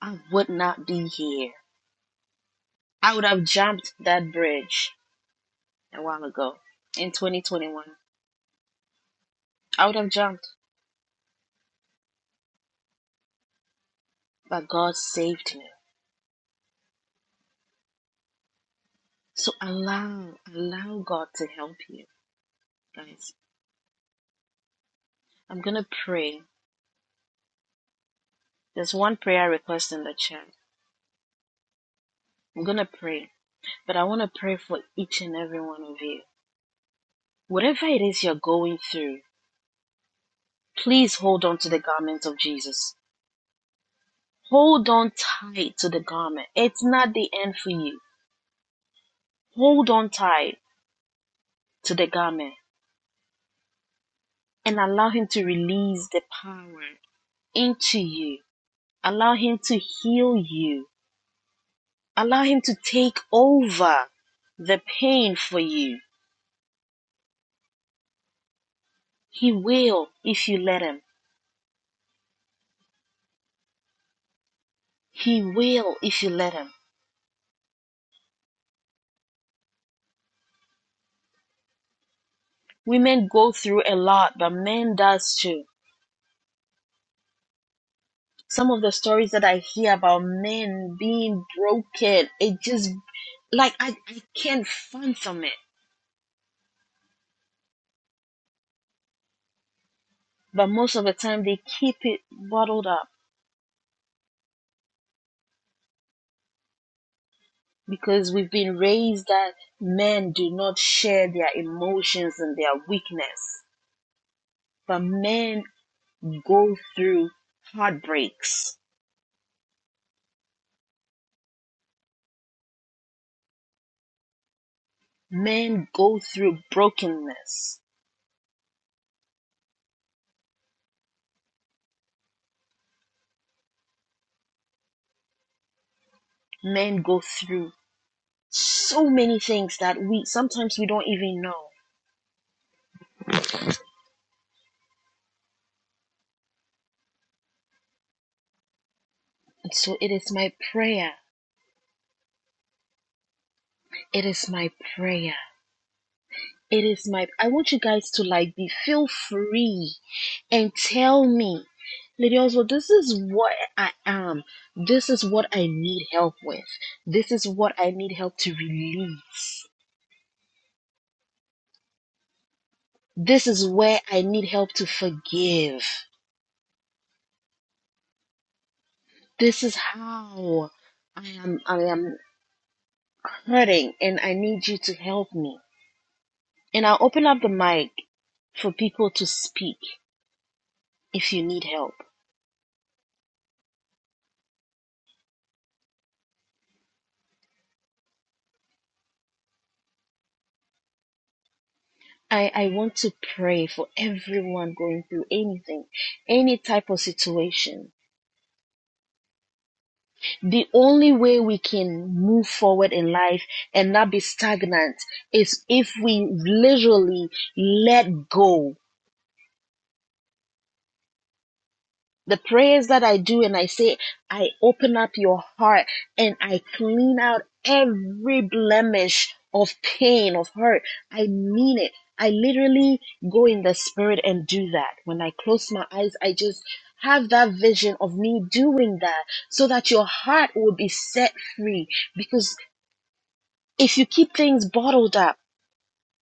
A: I would not be here. I would have jumped that bridge a while ago in 2021. I would have jumped, but God saved me. So allow, allow God to help you, guys. I'm gonna pray. There's one prayer request in the chat. I'm gonna pray, but I wanna pray for each and every one of you. Whatever it is you're going through, please hold on to the garment of Jesus. Hold on tight to the garment. It's not the end for you. Hold on tight to the garment and allow Him to release the power into you. Allow Him to heal you. Allow Him to take over the pain for you. He will if you let Him. He will if you let Him. Women go through a lot, but men does too. some of the stories that I hear about men being broken, it just like I, I can't fathom it. But most of the time they keep it bottled up because we've been raised that men do not share their emotions and their weakness. But men go through heartbreaks. Men go through brokenness. Men go through so many things that we sometimes we don't even know. And so it is my prayer It is my prayer. It is my I want you guys to like be feel free and tell me, Lady Oswald, this is what I am. This is what I need help with. This is what I need help to release. This is where I need help to forgive. This is how I am I am hurting and I need you to help me. And I'll open up the mic for people to speak if you need help. I, I want to pray for everyone going through anything, any type of situation. The only way we can move forward in life and not be stagnant is if we literally let go the prayers that I do and I say, I open up your heart and I clean out every blemish of pain, of hurt. I mean it. I literally go in the spirit and do that. When I close my eyes, I just have that vision of me doing that so that your heart will be set free. Because if you keep things bottled up,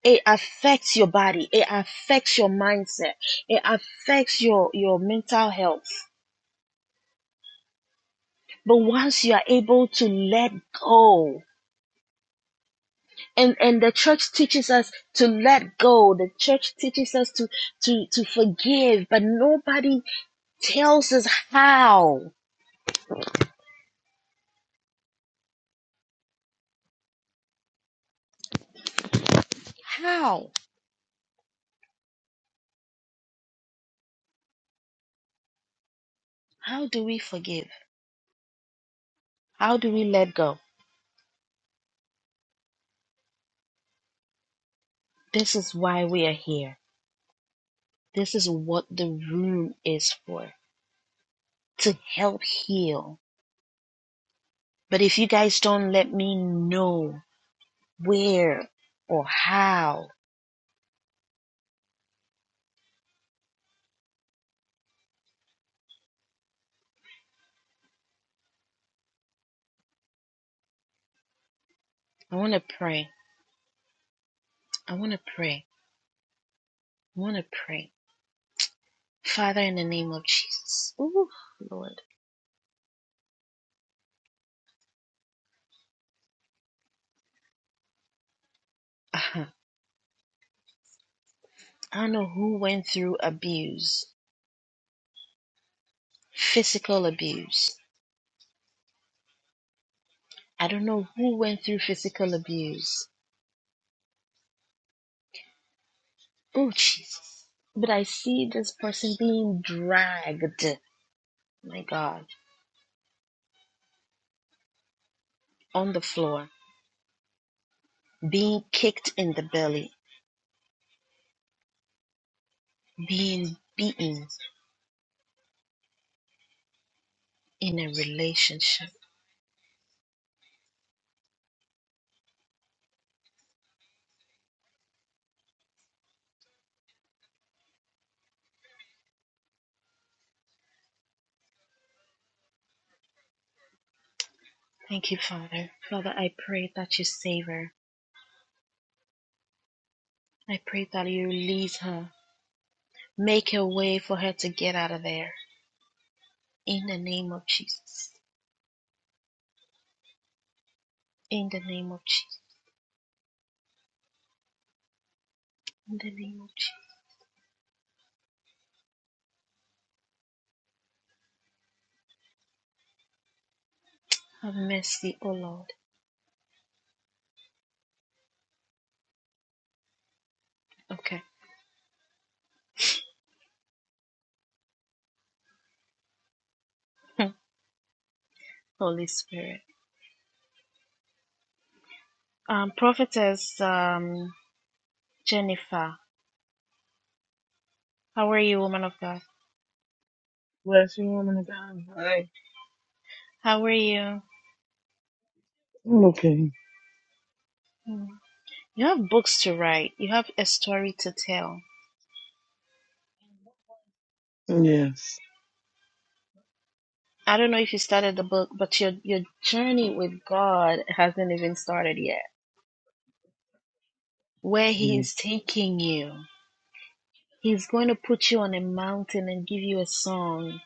A: it affects your body. It affects your mindset. It affects your, your mental health But once you are able to let go, and, and the church teaches us to let go, the church teaches us to, to, to forgive, but nobody tells us how. How? How do we forgive? How do we let go? This is why we are here. This is what the room is for to help heal. But if you guys don't let me know where or how, I want to pray. I want to pray. I want to pray. Father, in the name of Jesus. Ooh, Lord. Uh-huh. I don't know who went through abuse, physical abuse. I don't know who went through physical abuse. Oh, Jesus. But I see this person being dragged, my God, on the floor, being kicked in the belly, being beaten in a relationship. Thank you, Father. Father, I pray that you save her. I pray that you release her. Make a way for her to get out of there. In the name of Jesus. In the name of Jesus. In the name of Jesus. Have mercy, O Lord. Okay. Holy Spirit. Um, prophetess um, Jennifer, how are you, woman of God?
D: Bless you, woman of God. Hi.
A: How are you?
D: I'm okay.
A: Mm. You have books to write. You have a story to tell.
D: Yes.
A: I don't know if you started the book, but your your journey with God hasn't even started yet. Where He
D: Mm.
A: is taking you, He's going to put you on a mountain and give you a song.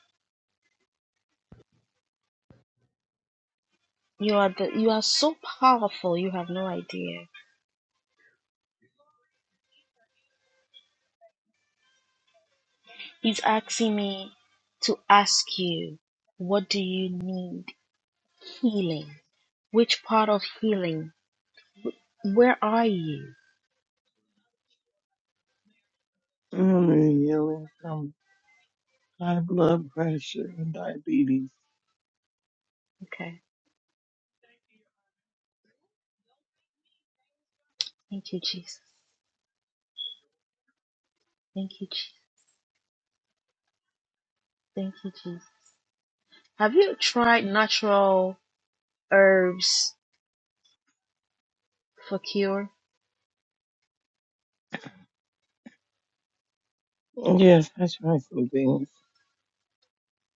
A: You are the you are so powerful you have no idea. He's asking me to ask you, what do you need healing? Which part of healing? Where are you?
D: I'm under healing from high blood pressure and diabetes.
A: Okay. Thank you, Jesus. Thank you, Jesus. Thank you, Jesus. Have you tried natural herbs for cure?
D: Yes, I tried some things.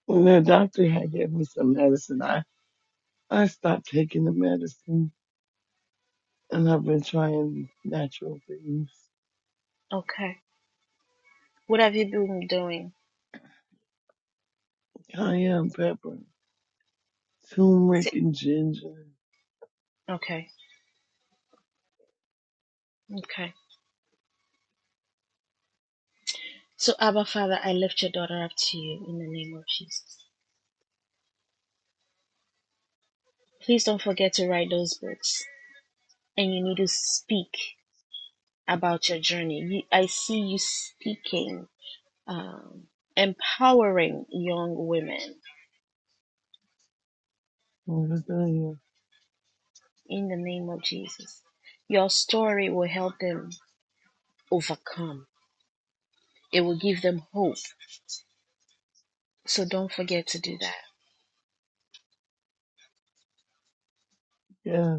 D: When the doctor had gave me some medicine, I, I stopped taking the medicine and I've been trying natural things.
A: Okay. What have you been doing?
D: Cayenne pepper, turmeric
A: Sit-
D: and ginger.
A: Okay. Okay. So, Abba Father, I lift your daughter up to you in the name of Jesus. Please don't forget to write those books. and you need to speak about your journey. You, I see you speaking, um, empowering young women
D: What did I tell you?
A: in the name of Jesus. Your story will help them overcome, it will give them hope. So don't forget to do that.
D: Yeah,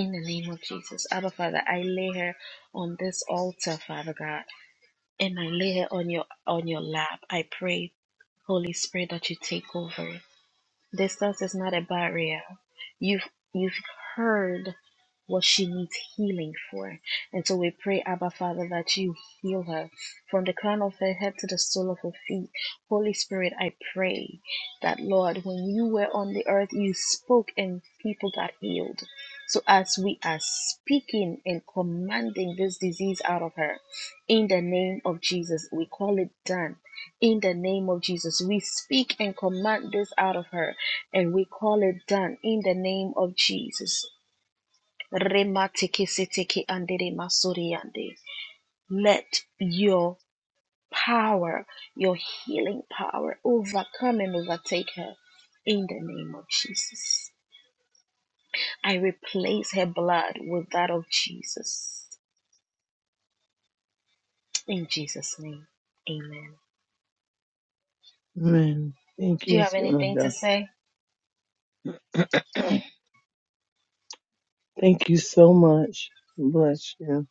A: In the name of Jesus. Abba Father, I lay her on this altar, Father God, and I lay her on your on your lap. I pray, Holy Spirit, that you take over. Distance is not a barrier. You've you've heard what she needs healing for. And so we pray, Abba Father, that you heal her from the crown of her head to the sole of her feet. Holy Spirit, I pray that, Lord, when you were on the earth, you spoke and people got healed. So as we are speaking and commanding this disease out of her, in the name of Jesus, we call it done. In the name of Jesus, we speak and command this out of her and we call it done in the name of Jesus. Rematikisikiki andere masuriande. Let your power, your healing power, overcome and overtake her in the name of Jesus. I replace her blood with that of Jesus. In Jesus' name, amen.
D: man. Thank
A: Do
D: you,
A: you have anything to
D: Swanda.
A: say?
D: *clears throat* Thank you so much. Bless you.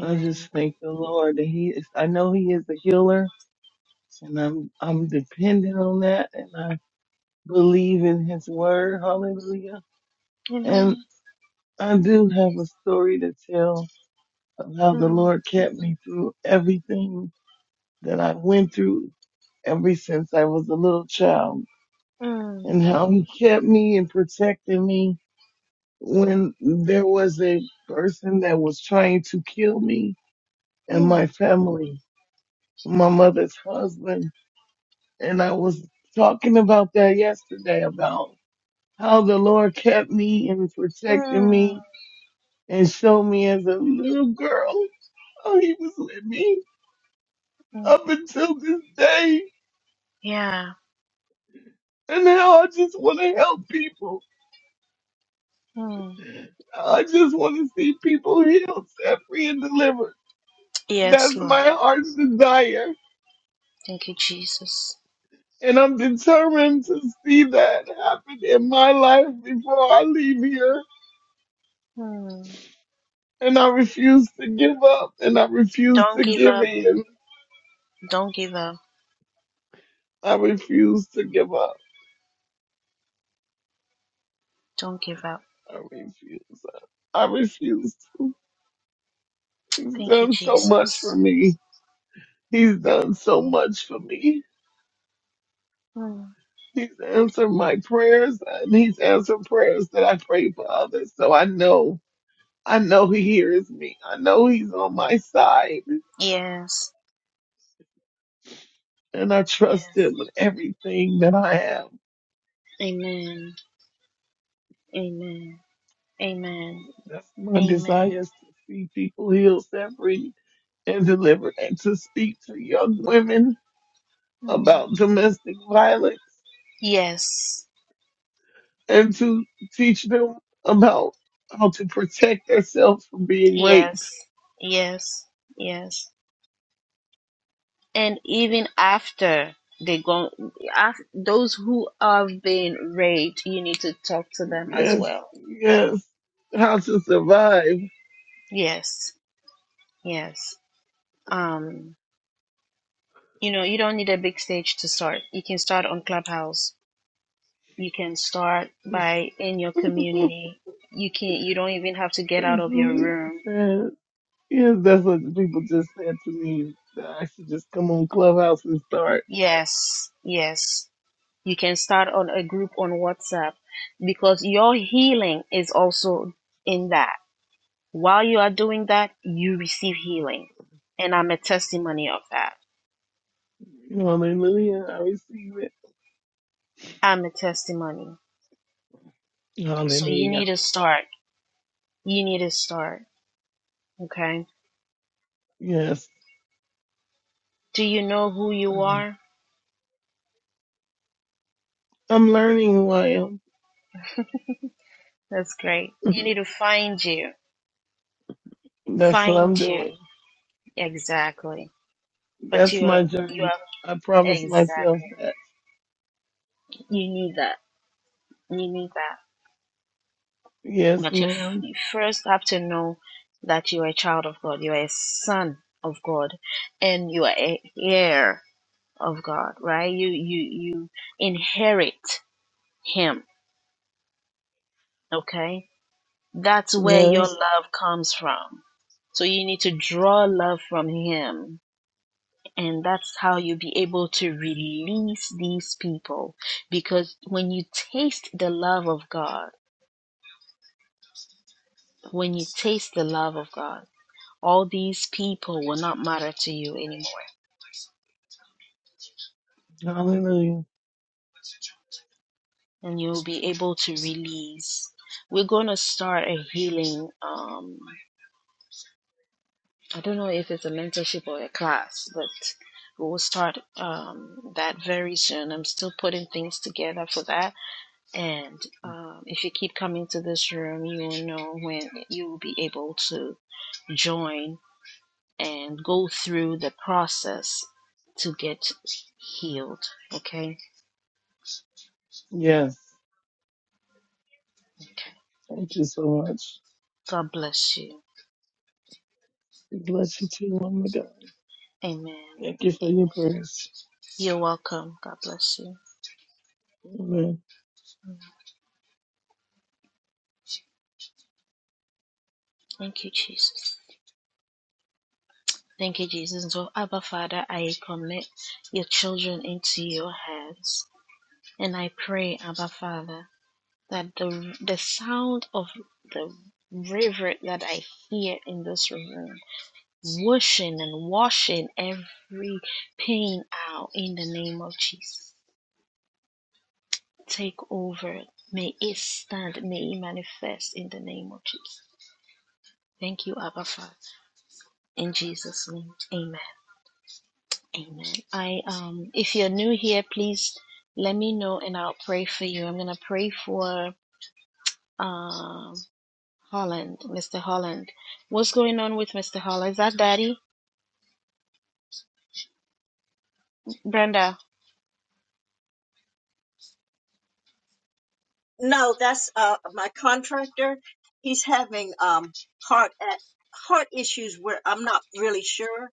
D: I just thank the Lord that He is. I know He is a healer, and I'm I'm dependent on that, and I believe in His word. Hallelujah.
A: Amen.
D: And I do have a story to tell of how the
A: Mm,
D: Lord kept me through everything that I went through ever since I was a little child,
A: mm,
D: and how He kept me and protected me when there was a person that was trying to kill me and
A: mm,
D: my family, my mother's husband. And I was talking about that yesterday about how the Lord kept me and protected
A: mm,
D: me and showed me as a little girl how he was with me
A: mm.
D: up until this day.
A: Yeah.
D: And now I just want to help people.
A: Mm.
D: I just want to see people healed, set free, and delivered.
A: Yes,
D: That's
A: Lord.
D: my heart's desire.
A: Thank you, Jesus.
D: And I'm determined to see that happen in my life before I leave here.
A: Hmm.
D: And I refuse to give up. And I refuse
A: Don't
D: to
A: give
D: give
A: up.
D: in.
A: Don't give up.
D: I refuse to give up.
A: Don't give up.
D: I refuse. I refuse. He's
A: Thank you,
D: done so much for
A: Jesus.
D: me. He's done so much for me.
A: Hmm.
D: He's answered my prayers and he's answered prayers that I pray for others. So I know, I know he hears me. I know he's on my side.
A: Yes.
D: and I trust
A: Yes.
D: Him with everything that I have.
A: Amen. Amen. Amen.
D: That's my
A: Amen.
D: desire is to see people healed, set free, and delivered, and to speak to young women
A: Hmm.
D: about domestic violence
A: Yes.
D: and to teach them about how to protect themselves from being
A: Yes.
D: raped.
A: Yes. Yes. And even after they go, after those who have been raped, you need to talk to them as
D: Yes,
A: well.
D: yes, how to survive. *laughs*
A: Yes. Yes. Um. you know you don't need a big stage to start you can start on clubhouse you can start by in your community you can you don't even have to get out
D: That's
A: of
D: what
A: your
D: people
A: room
D: said. Yes, that's what the people just said to me. That I should just come on Clubhouse and start.
A: yes yes you can start on a group on whatsapp because your healing is also in that while you are doing that you receive healing and i'm a testimony of that
D: Hallelujah. I receive it.
A: i'm a testimony so you
D: Hallelujah.
A: need to start you need to start okay
D: Yes.
A: do you know who you
D: I'm
A: are
D: learning who I am.
A: That's great. You
D: *laughs*
A: need to find you.
D: That's what
A: Find
D: I'm
A: you.
D: doing.
A: Exactly. But
D: That's
A: you are,
D: my
A: you
D: journey.
A: are,
D: I promise myself
A: exactly.
D: that.
A: You need that. You need that.
D: Yes,
A: But you, f-
D: ma'am.
A: you first have to know that you are a child of God. You are a son of God. And you are a heir of God, right? You, you, you inherit Him. Okay? That's where your
D: Yes.
A: love comes from. So you need to draw love from Him and that's how you'll be able to release these people because when you taste the love of god when you taste the love of god all these people will not matter to you anymore
D: Hallelujah.
A: and you'll be able to release we're going to start a healing um i don't know if it's a mentorship or a class but we'll start um that very soon i'm still putting things together for that And um, if you keep coming to this room, you will know when you will be able to join and go through the process to get healed. Okay?
D: Yes.
A: Okay.
D: Thank you so much.
A: God bless you.
D: Bless you too, oh my God.
A: Amen.
D: Thank you for your
A: Amen.
D: prayers.
A: You're welcome. God bless you.
D: Amen.
A: Thank you, Jesus. Thank you, Jesus. And so, Abba Father, I commit your children into your hands. And I pray, Abba Father. that the the sound of the river that I hear in this room, whooshing and washing every pain out in the name of Jesus. Take over. May it stand. May it manifest in the name of Jesus. Thank you, Abba Father. In Jesus' name, Amen. Amen. I um, if you're new here, please let me know and I'll pray for you. I'm gonna pray for um Holland, Mr. Holland. What's going on with Mr. Holland? Is that Daddy? Brenda.
C: No, that's uh my contractor. He's having um heart at heart issues where I'm not really sure,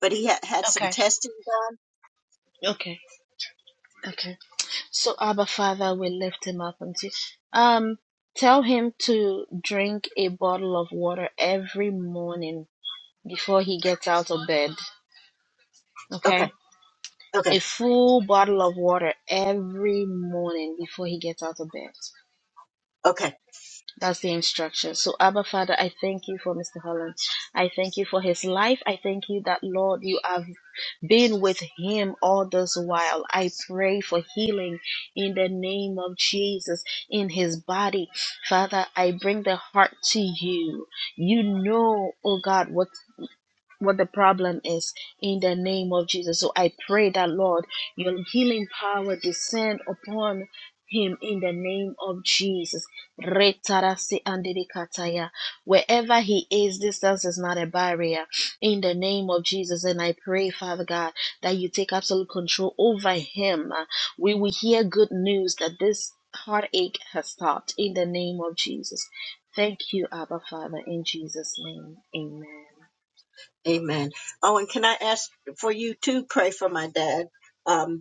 C: but he ha- had some
A: Okay.
C: testing done.
A: Okay. Okay. So Abba Father we lift him up and see. Um tell him to drink a bottle of water every morning before he gets out of bed.
C: Okay,
A: Okay?
C: okay,
A: A full bottle of water every morning before he gets out of bed.
C: okay.
A: That's the instruction. So, Abba Father, I thank you for Mr. Holland. I thank you for his life. I thank you that, Lord, you have been with him all this while. I pray for healing in the name of Jesus in his body. Father, I bring the heart to you. You know, oh God, what what the problem is in the name of Jesus. So I pray that, Lord, your healing power descend upon him in the name of Jesus. Retarasi andirikataya. Wherever he is, distance is not a barrier in the name of Jesus. And I pray, Father God, that you take absolute control over him. Uh, We will hear good news that this heartache has stopped in the name of Jesus. Thank you, Abba Father, in Jesus' name. Amen.
C: Amen. Oh, and can I ask for you to pray for my dad? Um.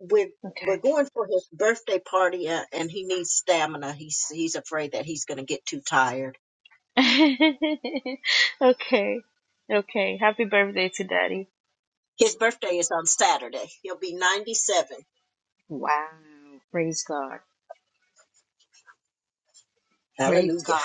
C: we're
A: Okay.
C: we're going for his birthday party uh, and he needs stamina. He's he's afraid that he's going to get too tired.
A: *laughs* okay. Okay. Happy birthday to daddy.
C: His birthday is on Saturday. He'll be 97.
A: Wow. Praise God. Praise
C: Hallelujah.
A: God.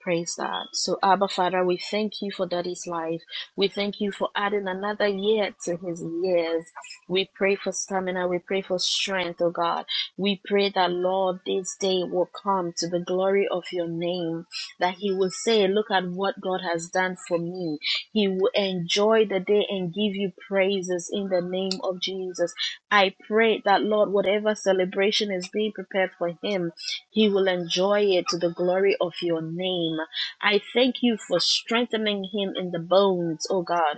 A: Praise God. So, Abba Father, we thank you for Daddy's life. We thank you for adding another year to his years. We pray for stamina. We pray for strength, oh God. We pray that, Lord, this day will come to the glory of your name, that he will say, Look at what God has done for me. He will enjoy the day and give you praises in the name of Jesus. I pray that, Lord, whatever celebration is being prepared for him, he will enjoy it to the glory of your name. I thank you for strengthening him in the bones, oh God,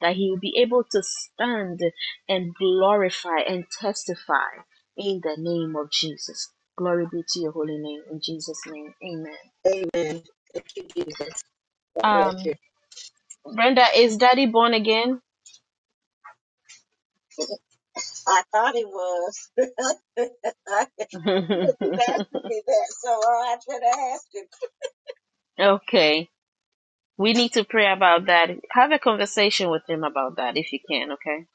A: that he will be able to stand and glorify and testify in the name of Jesus. Glory be to your holy name. In Jesus' name, amen.
C: Amen. Thank you, Jesus. God bless
A: Um,
C: you.
A: Brenda, is daddy born again?
C: I thought he was. *laughs*
A: *laughs*
C: Because keep asking me that, so I should ask him.
A: okay. We need to pray about that. Have a conversation with him about that if you can, okay?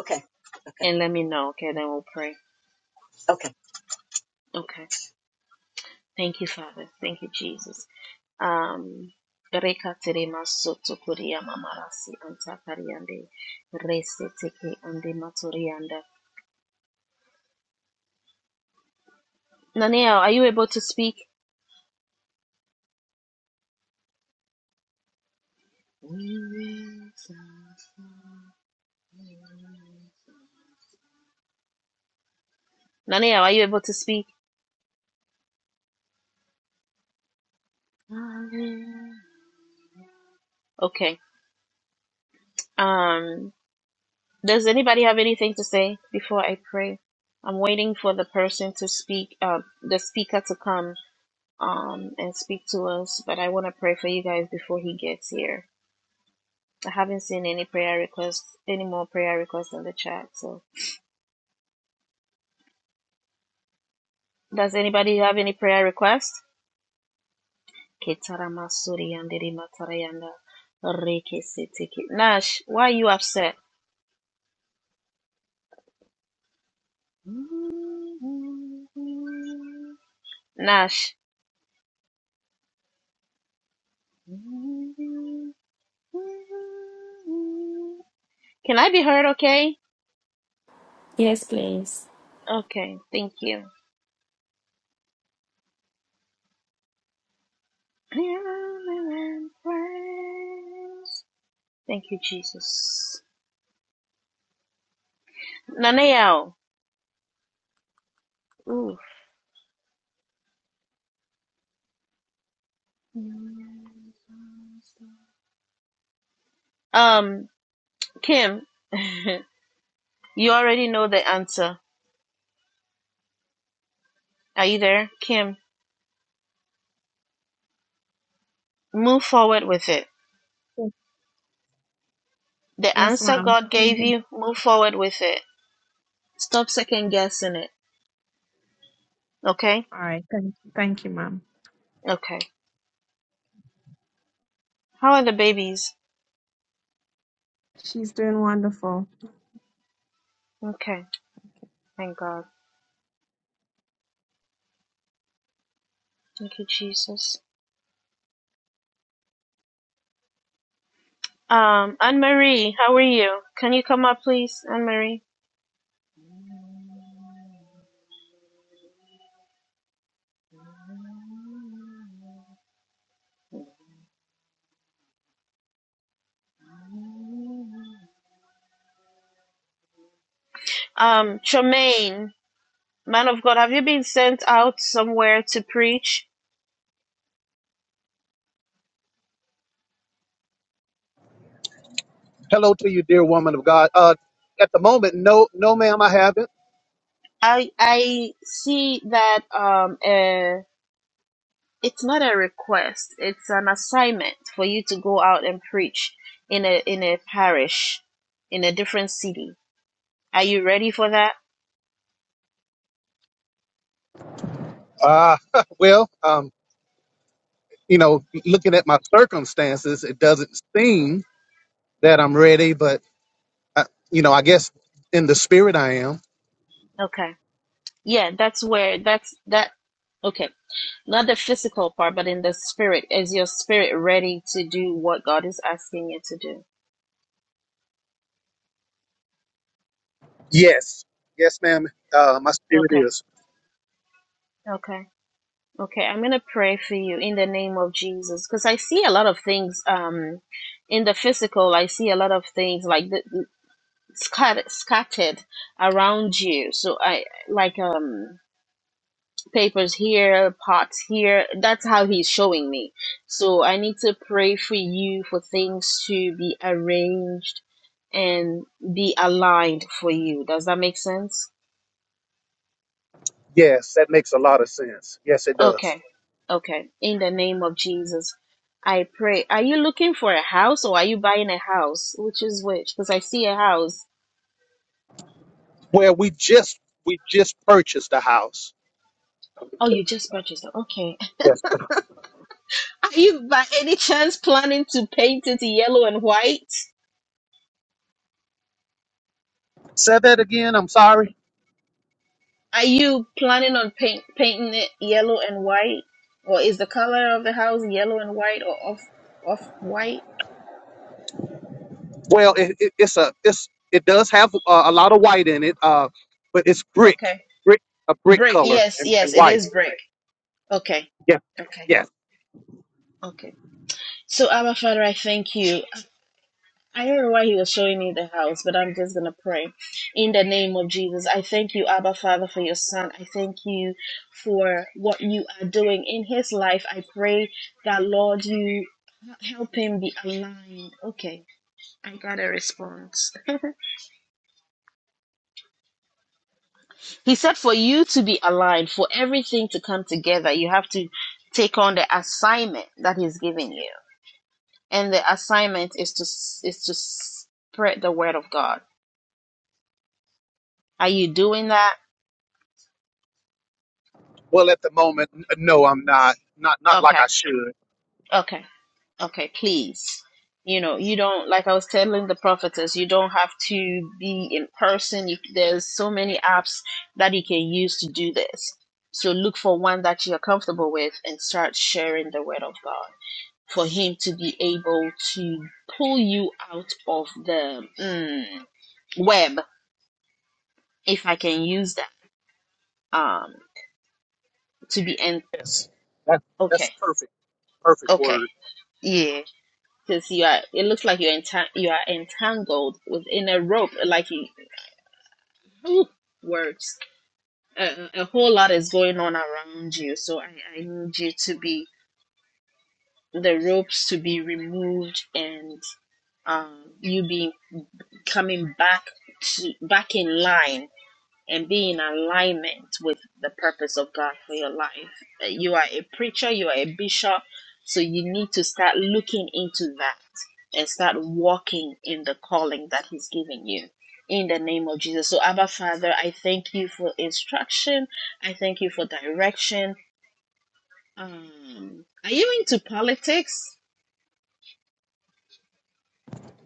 C: Okay, okay,
A: And let me know, okay? Then we'll pray.
C: okay.
A: Okay. Thank you, Father. Thank you, Jesus. Um, Reka terema kuriyama marasi, mamarasi anta kariande. Rese teke ande matorianda. Naneo, are you able to speak? Naneo, are you able to speak? Okay. Um, does anybody have anything to say before I pray? I'm waiting for the person to speak, uh, the speaker to come. um, and speak to us. But I want to pray for you guys before he gets here. I haven't seen any prayer requests, any more prayer requests in the chat. So, does anybody have any prayer requests? Nash, why are you upset? Nash, can I be heard okay?
F: Yes, please.
A: Okay, thank you. Thank you, Jesus. Naneo. Um, Kim, *laughs* you already know the answer. Are you there? Kim, move forward with it. The
G: Yes,
A: answer
G: ma'am.
A: God gave
G: Mhm.
A: you, move forward with it. Stop second guessing it. Okay?
G: All right. Thank, thank you, ma'am.
A: Okay. How are the babies?
G: She's doing wonderful.
A: Okay. Thank God. Thank you, Jesus. Um, Anne Marie, how are you? Can you come up, please, Anne Marie? Um, Tremaine, man of God, have you been sent out somewhere to preach?
H: Hello to you, dear woman of God. Uh, at the moment, no, no, ma'am, I haven't.
A: I I see that um a it's not a request it's an assignment for you to go out and preach in a in a parish in a different city are you ready for that
H: Uh, *laughs* well, um, you know, looking at my circumstances, it doesn't seem that I'm ready, but I, you know, I guess in the spirit I am.
A: okay yeah that's where that's that okay not the physical part but in the spirit is your spirit ready to do what god is asking you to do
H: Yes, yes, ma'am. Uh, my spirit
A: okay
H: is.
A: okay okay i'm gonna pray for you in the name of jesus because i see a lot of things um in the physical i see a lot of things like the. scattered scattered around you so i like um papers here pots here that's how he's showing me so i need to pray for you for things to be arranged and be aligned for you does that make sense
H: Yes, that makes a lot of sense. Yes, it does.
A: okay okay in the name of jesus i pray are you looking for a house or are you buying a house which is which because i see a house
H: Well, we just we just purchased a house.
A: oh you just purchased it. Okay.
H: Yes.
A: Are you by any chance planning to paint it yellow and white?
H: Say that again. I'm sorry.
A: Are you planning on paint painting it yellow and white? Or is the color of the house yellow and white or off off white?
H: Well, it, it, it's a it's it does have uh, a lot of white in it, uh, but it's brick,
A: Okay.
H: brick, a brick
A: Brick.
H: color
A: Yes,
H: and, and
A: yes, it
H: white.
A: is brick. Okay.
H: Yes,
A: Okay.
H: yes,
A: Okay. So Abba Father, I thank you. I don't know why he was showing me the house, but I'm just going to pray. In the name of Jesus, I thank you, Abba Father, for your son. I thank you for what you are doing in his life. I pray that, Lord, you help him be aligned. Okay, I got a response. He said, for you to be aligned, for everything to come together, you have to take on the assignment that he's giving you. And the assignment is to, is to spread the word of God. Are you doing that?
H: Well, at the moment, n- no, I'm not. Not not like
A: Okay.
H: I should.
A: Okay. Okay, please. You know, you don't, like I was telling the prophetess, you don't have to be in person. You, there's so many apps that you can use to do this. So look for one that you're comfortable with and start sharing the word of God for Him to be able to pull you out of the mm, web, if I can use that, um, to be en-
H: yes. That that's
A: okay,
H: perfect, perfect
A: okay,
H: word.
A: yeah because you are it looks like you're entang- you are entangled within a rope like you *laughs* Ooh, words. A, a whole lot is going on around you, so I, I need you to be the ropes to be removed and um, you be coming back to back in line and be in alignment with the purpose of God for your life. Uh, You are a preacher, you are a bishop, so you need to start looking into that and start walking in the calling that He's given you. In the name of Jesus. So, Abba Father, I thank you for instruction. I thank you for direction. Um, are you into politics?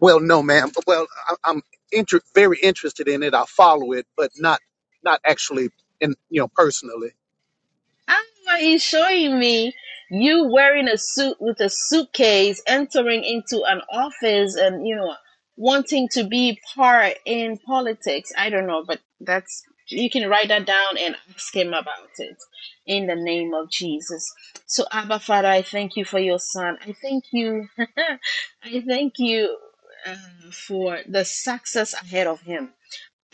H: Well, no, ma'am. Well, I, I'm inter- very interested in it. I follow it, but not not actually in you know personally.
A: How are you showing me you wearing a suit with a suitcase entering into an office and you know wanting to be part in politics? I don't know, but that's you can write that down and ask him about it in the name of Jesus. So Abba Father, I thank you for your son. I thank you. *laughs* I thank you uh, for the success ahead of him.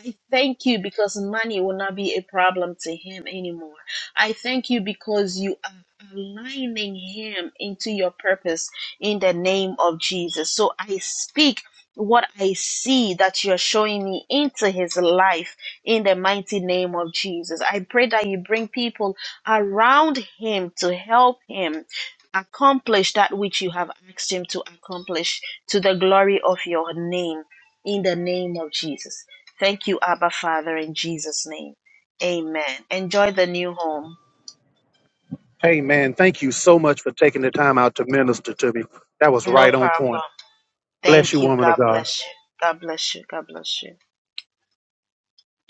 A: I thank you because money will not be a problem to him anymore. I thank you because you are aligning him into your purpose in the name of Jesus. So I speak what I see that you're showing me into his life in the mighty name of Jesus. I pray that you bring people around him to help him. Accomplish that which you have asked him to accomplish to the glory of your name in the name of Jesus. Thank you, Abba Father, in Jesus' name. Amen. Enjoy the new home.
H: Hey, man, thank you so much for taking the time out to minister to me. That was
A: No
H: right on
A: problem.
H: point. Bless you,
A: Thank you.
H: woman of
A: God
H: God.
A: bless you. God bless you. God bless you.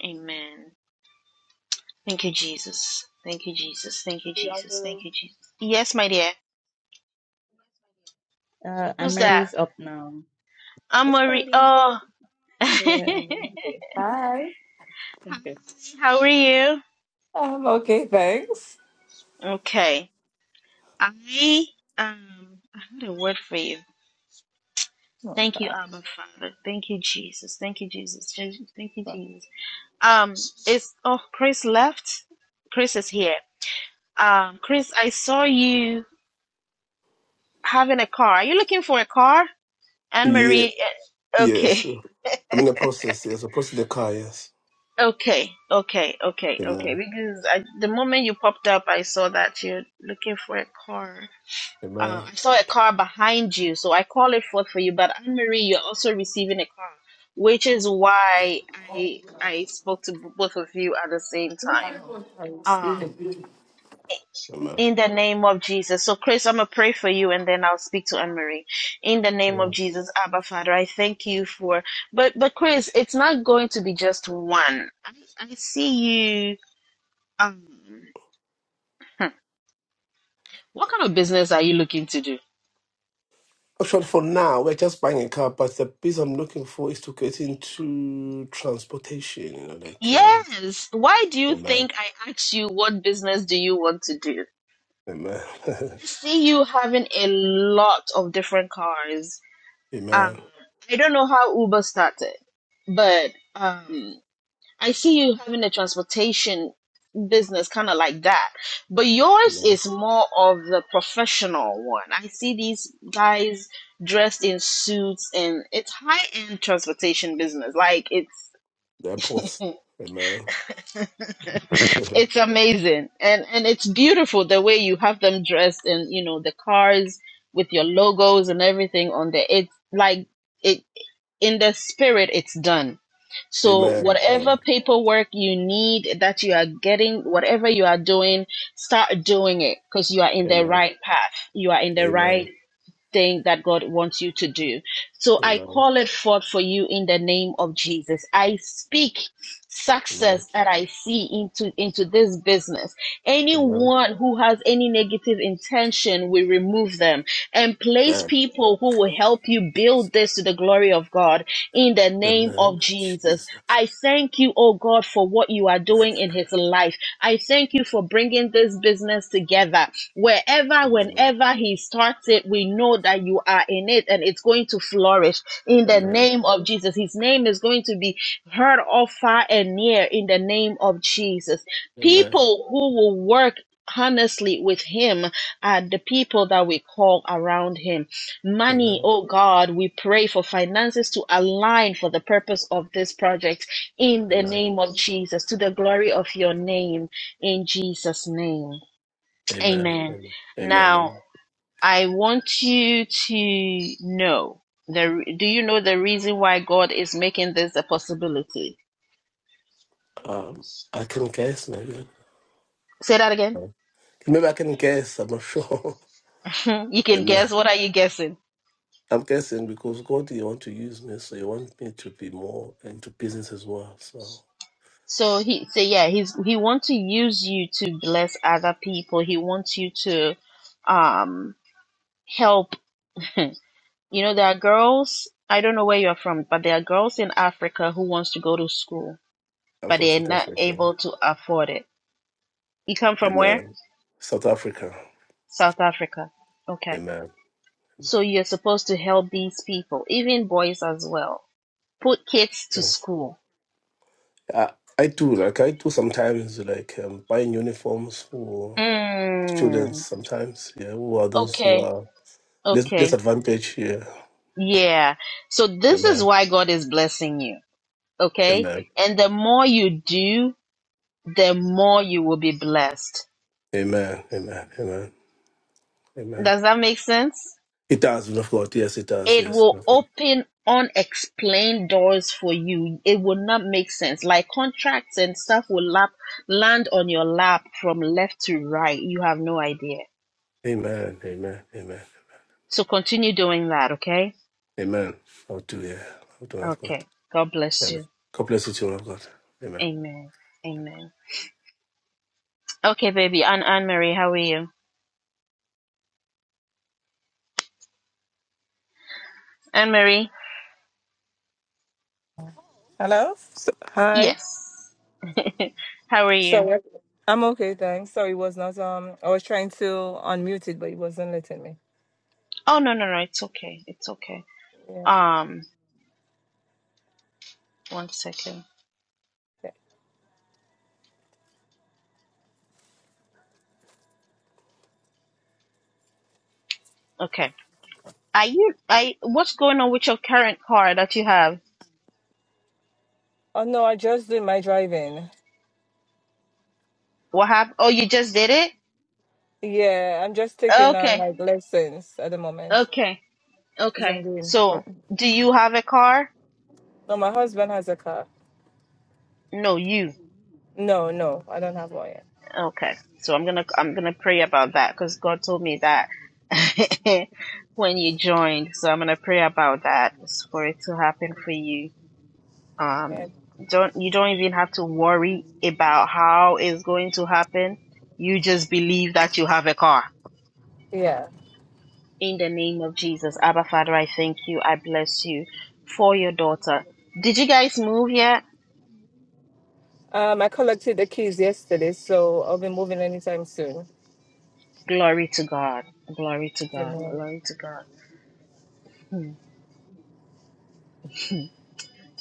A: Amen. Thank you, Jesus. Thank you, Jesus. Thank you,
I: The
A: Jesus. Thank
I: other
A: you, Jesus. Yes, my dear.
I: uh and
A: Who's that?
I: Mary's up now.
A: I'm
I: It's
A: Marie.
I: Pearline.
A: Oh. *laughs* Hi,
I: Yeah, I'm Elizabeth.
J: Hi.
I: Okay.
A: How are you?
J: I'm okay, thanks.
A: Okay. I um I had a word for you.
J: Oh
A: Thank you,
J: God.
A: Abba Father. Thank you, Jesus. Thank you, Jesus. Thank you, Jesus. Um, it's oh Chris left. Chris is here. Um, Chris, I saw you having a car. Are you looking for a car? Anne
K: Yeah,
A: Marie. eh, Okay,
K: yes. I'm in the process, yes. I'm processing the car, yes.
A: *laughs* okay, okay, okay, okay.
K: Amen.
A: Because I, the moment you popped up, I saw that you're looking for a car. Uh,
K: Amen.
A: I saw a car behind you, so I call it forth for you. But Anne Marie, you're also receiving a car, which is why I I spoke to b- both of you at the same time. Um,
K: Amen.
A: In the name of Jesus. So, Chris, I'm going to pray for you and then I'll speak to Anne Marie. In the name of
K: Amen.
A: Jesus, Abba Father, I thank you for. But, but Chris, it's not going to be just one. I, I see you. Um, hmm. what kind of business are you looking to do?
K: Actually, for now, we're just buying a car, but the piece I'm looking for is to get into transportation, you know, like, um,
A: Yes. Why do you
K: Amen.
A: think I asked you what business do you want to do?
K: Amen. *laughs*
A: I see you having a lot of different cars.
K: Amen.
A: Um, I don't know how Uber started, but. um, I see you having a transportation business kind of like that, but yours
K: Amen.
A: is more of the professional one. I see these guys dressed in suits and it's high-end transportation business. Like it's
K: The airport. Amen. *laughs* Amen.
A: it's amazing and and it's beautiful the way you have them dressed and you know the cars with your logos and everything on there. It's like it in the spirit it's done So,
K: Amen.
A: whatever paperwork you need that you are getting, whatever you are doing, start doing it because you are in the
K: Amen.
A: right path. You are in
K: Amen.
A: the right
K: Amen.
A: thing that God wants you to do. So I
K: Amen.
A: call it forth for you in the name of Jesus. I speak
K: Amen.
A: success that I see into into this business.
K: Amen.
A: Anyone who has any negative intention, we remove them and place
K: Amen.
A: people who will help you build this to the glory of God in the name
K: Amen.
A: of Jesus.
K: Jesus.
A: I thank you, oh God, for what you are doing
K: Amen.
A: in his life. I thank you for bringing this business together. Wherever,
K: Amen.
A: whenever he starts it, we know that you are in it and it's going to flourish in the
K: Amen.
A: name of Jesus. His name is going to be heard all far and near in the name of Jesus.
K: Amen.
A: People who will work honestly with him are the people that we call around him money
K: Amen.
A: oh god we pray for finances to align for the purpose of this project in the
K: Amen.
A: name of jesus to the glory of your name in Jesus' name.
K: Amen.
A: Amen.
K: Amen. Amen.
A: Now,
K: Amen.
A: I want you to know the re- do you know the reason why God is making this a possibility?
K: Um, I can guess, maybe.
A: Say that again.
K: Maybe I can guess. I'm not sure.
A: *laughs* you
K: *laughs*
A: can
K: Amen.
A: guess. What are you guessing?
K: I'm guessing because God, you want to use me, so you want me to be more into business as well. So
A: So he say yeah, he's he wants to use you to bless other people. He wants you to um help. *laughs* you know, there are girls, I don't know where you're from, but there are girls in Africa who wants to go to school,
K: I'm
A: but
K: from
A: they're
K: South
A: not
K: Africa.
A: able to afford it You come from where?
K: Amen. South Africa.
A: South Africa. Okay.
K: Amen.
A: So you're supposed to help these people, even boys as well. Put kids to
K: Yes.
A: school.
K: I, I do like I do sometimes like um, buying uniforms for students
A: Mm.
K: sometimes. Yeah, who are those who
A: Okay.
K: are less less
A: Okay.
K: advantaged? Yeah.
A: Yeah. So this is
K: Amen.
A: why God is blessing you. Okay.
K: Amen.
A: And the more you do, the more you will be blessed.
K: Amen. Amen. Amen. Amen.
A: Does that make sense?
K: It does, been of God. Yes, it does.
A: it
K: Yes.
A: will
K: man of God.
A: open unexplained doors for you. It will not make sense. Like contracts and stuff will lap, land on your lap from left to right. You have no idea.
K: Amen. Amen. Amen.
A: So continue doing that, okay?
K: Amen. I'll do yeah. I'll do man of God.
A: Okay. God bless
K: Amen.
A: you.
K: God bless you, children of God. Amen.
A: Amen. Amen. Okay, baby. Anne Anne Marie, how are you? Anne Marie?
J: Hello. So, hi.
A: Yes. *laughs* how are
J: So
A: you?
J: what- I'm okay, thanks. Sorry, it was not. Um, I was trying to unmute it, but it wasn't letting me.
A: Oh no no no, it's okay. It's okay.
J: Yeah.
A: Um one second. Okay. Are you I what's going on with your current car that you have?
J: Oh no, I just doing my driving.
A: What happened? Oh, you just did it?
J: Yeah, I'm just taking on
A: Okay.
J: like lessons at the moment.
A: Okay.
J: He's on
A: Okay.
J: green.
A: So, do you have a car?
J: No, my husband has a car.
A: No, you.
J: No, no, I don't have one yet.
A: Okay. So I'm gonna I'm gonna pray about that because God told me that *laughs* when you joined. So I'm gonna pray about that for it to happen for you.
J: Man.
A: Um, don't you don't even have to worry about how it's going to happen. You just believe that you have a car
J: Yeah.
A: In the name of Jesus. Abba, Father, I thank you. I bless you for your daughter. Did you guys move yet?
J: Um, I collected the keys yesterday, so I'll be moving anytime soon.
A: Glory to God. Glory to God.
J: Amen.
A: Glory to God. Hmm.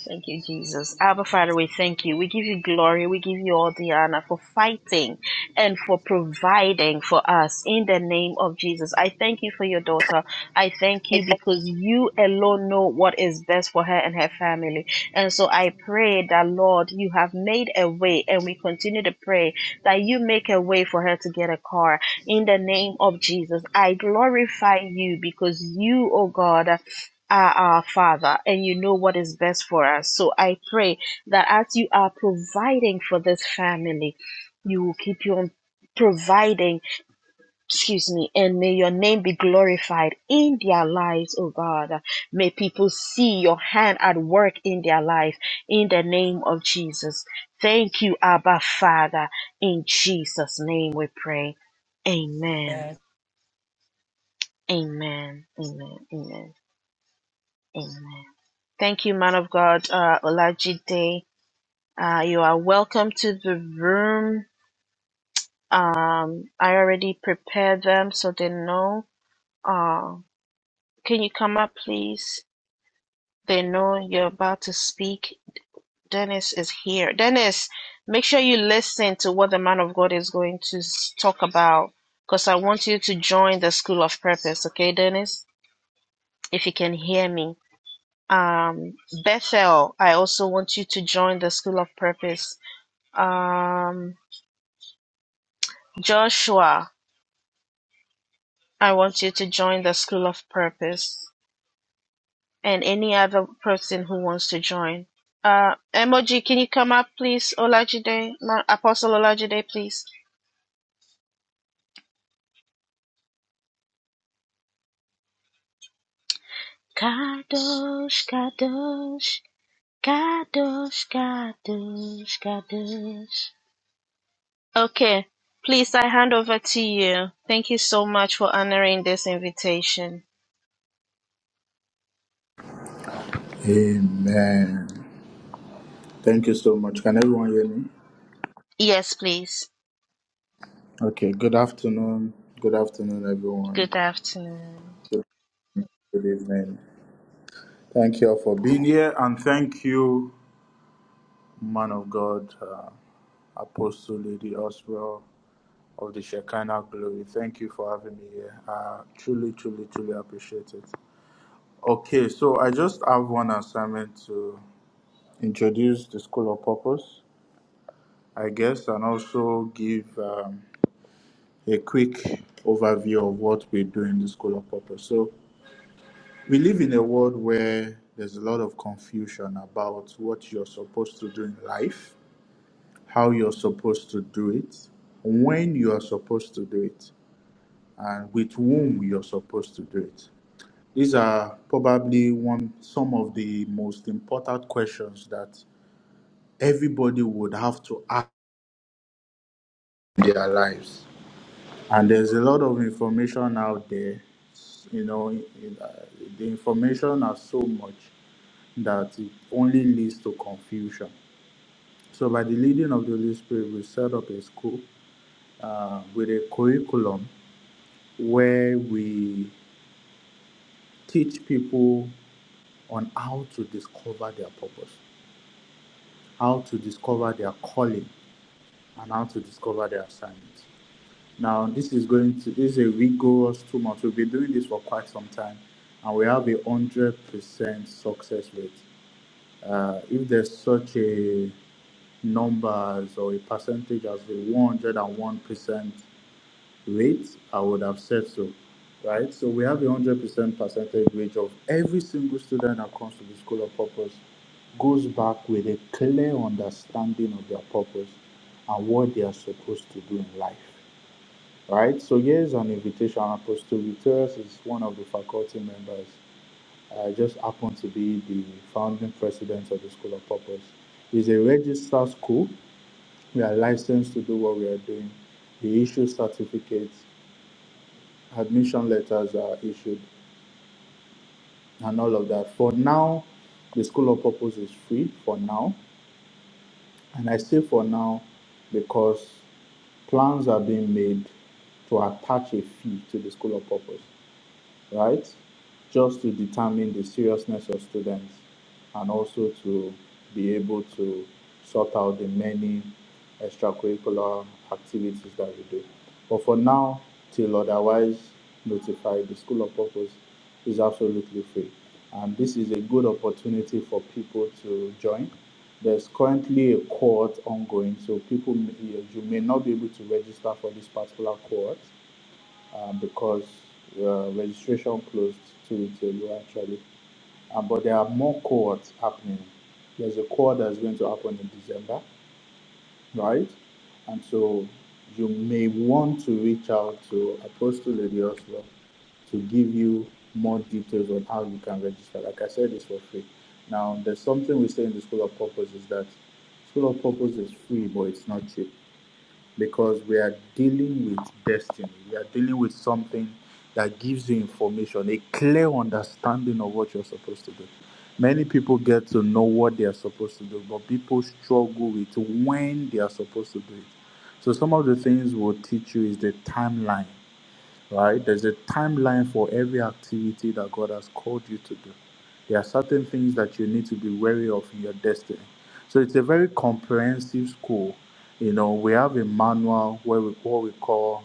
A: Thank you, Jesus. Abba, Father, we thank you. We give you glory. We give you all the honor for fighting and for providing for us in the name of Jesus. I thank you for your daughter. I thank you because you alone know what is best for her and her family. And so I pray that, Lord, you have made a way and we continue to pray that you make a way for her to get a car in the name of Jesus. I glorify you because you, oh God, are our Father and you know what is best for us. So I pray that as you are providing for this family, you will keep on providing, excuse me, and may your name be glorified in their lives, oh God. May people see your hand at work in their life in the name of Jesus. Thank you, Abba Father. In Jesus' name we pray. Amen. Amen. Amen. Amen. Amen. Thank you, man of God, uh, Olajide. Uh, you are welcome to the room. Um, I already prepared them so they know. Uh, can you come up, please? They know you're about to speak. Dennis is here. Dennis, make sure you listen to what the man of God is going to s- talk about because I want you to join the school of purpose. Okay, Dennis? If you can hear me. Um, Bethel, I also want you to join the school of purpose Um, Joshua, I want you to join the School of Purpose and any other person who wants to join. Uh, Emoji, can you come up, please? Olajide, Ma- Apostle Olajide, please. Kadosh, Kadosh, Kadosh, Kadosh, Kadosh. Okay, please, I hand over to you. Thank you so much for honoring this invitation.
L: Amen. Thank you so much. Can everyone hear me?
A: Yes, please.
L: Okay, good afternoon. Good afternoon, everyone.
A: Good afternoon.
L: Good evening. Thank you all for being here, and thank you, man of God, uh, Apostle Lady Oswell of the Shekinah Glory. Thank you for having me here. I truly, truly, truly appreciate it. Okay, so I just have one assignment to introduce the School of Purpose, I guess, and also give. Um, a quick overview of what we do in the School of Purpose. So, we live in a world where there's a lot of confusion about what you're supposed to do in life, how you're supposed to do it, when you are supposed to do it, and with whom you're supposed to do it. These are probably one some of the most important questions that everybody would have to ask in their lives and there's a lot of information out there you know it- uh, the information are so much that it only leads to confusion so by the leading of the holy spirit we set up a school uh, with a curriculum where we teach people on how to discover their purpose how to discover their calling and how to discover their assignment Now, this is going to this is a rigorous two months. We've been doing this for quite some time, and we have a hundred percent success rate. Uh, if there's such a numbers or a percentage as the 101% rate, I would have said so, right? So we have a 100% percentage rate of every single student that comes to the School of Purpose goes back with a clear understanding of their purpose and what they are supposed to do in life right? So here's an invitation. Apostle Guterres is one of the faculty members. I just happen to be the founding president of the School of Purpose. It's a registered school. We are licensed to do what we are doing. We issue certificates, admission letters are issued, and all of that. For now, the School of Purpose is free for now. And I say for now because plans are being made to attach a fee to the School of Purpose. right? Just to determine the seriousness of students and also to be able to sort out the many extracurricular activities that we do. But for now, till otherwise notified, the School of Purpose is absolutely free. And this is a good opportunity for people to join. There's currently a cohort ongoing, so people, may- you may not be able to register for this particular cohort uh, because uh, registration closed two to ago, actually. Uh, but there are more cohorts happening. There's a cohort that's going to happen in December, right? And so you may want to reach out to Apostle Lady Oslo to give you more details on how you can register. Like I said, it's for free. Now, there's something we say in the School of Purpose is that School of Purpose is free, but it's not cheap because we are dealing with destiny. We are dealing with something that gives you information, a clear understanding of what you're supposed to do. Many people get to know what they are supposed to do, but people struggle with when they are supposed to do it. So, some of the things we'll teach you is the timeline right? There's a timeline for every activity that God has called you to do. There are certain things that you need to be wary of in your destiny. So it's a very comprehensive school. You know, we have a manual where we what we call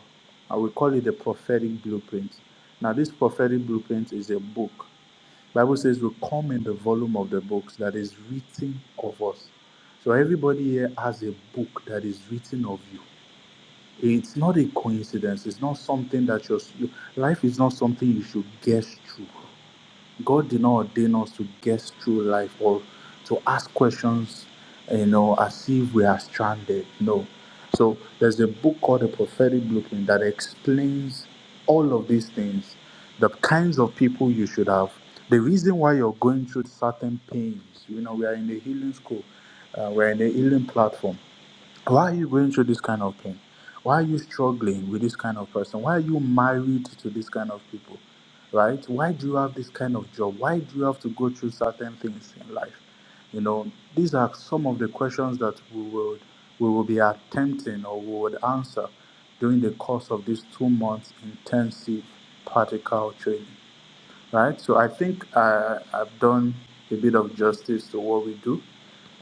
L: I we call it the prophetic blueprint. Now, this prophetic blueprint is a book. Bible says we come in the volume of the books that is written of us. So everybody here has a book that is written of you. It's not a coincidence. It's not something that you're, you, life is not something you should guess through. God did not ordain us to guess through life or to ask questions, you know, as if we are stranded. No. So there's a book called The Prophetic Blueprint that explains all of these things, the kinds of people you should have, the reason why you're going through certain pains. You know, we are in the healing school, uh, we're in the healing platform why are you going through this kind of pain why are you struggling with this kind of person why are you married to this kind of people right why do you have this kind of job why do you have to go through certain things in life you know these are some of the questions that we would we will be attempting or we would answer during the course of this two months intensive practical training right so i think I, i've done a bit of justice to what we do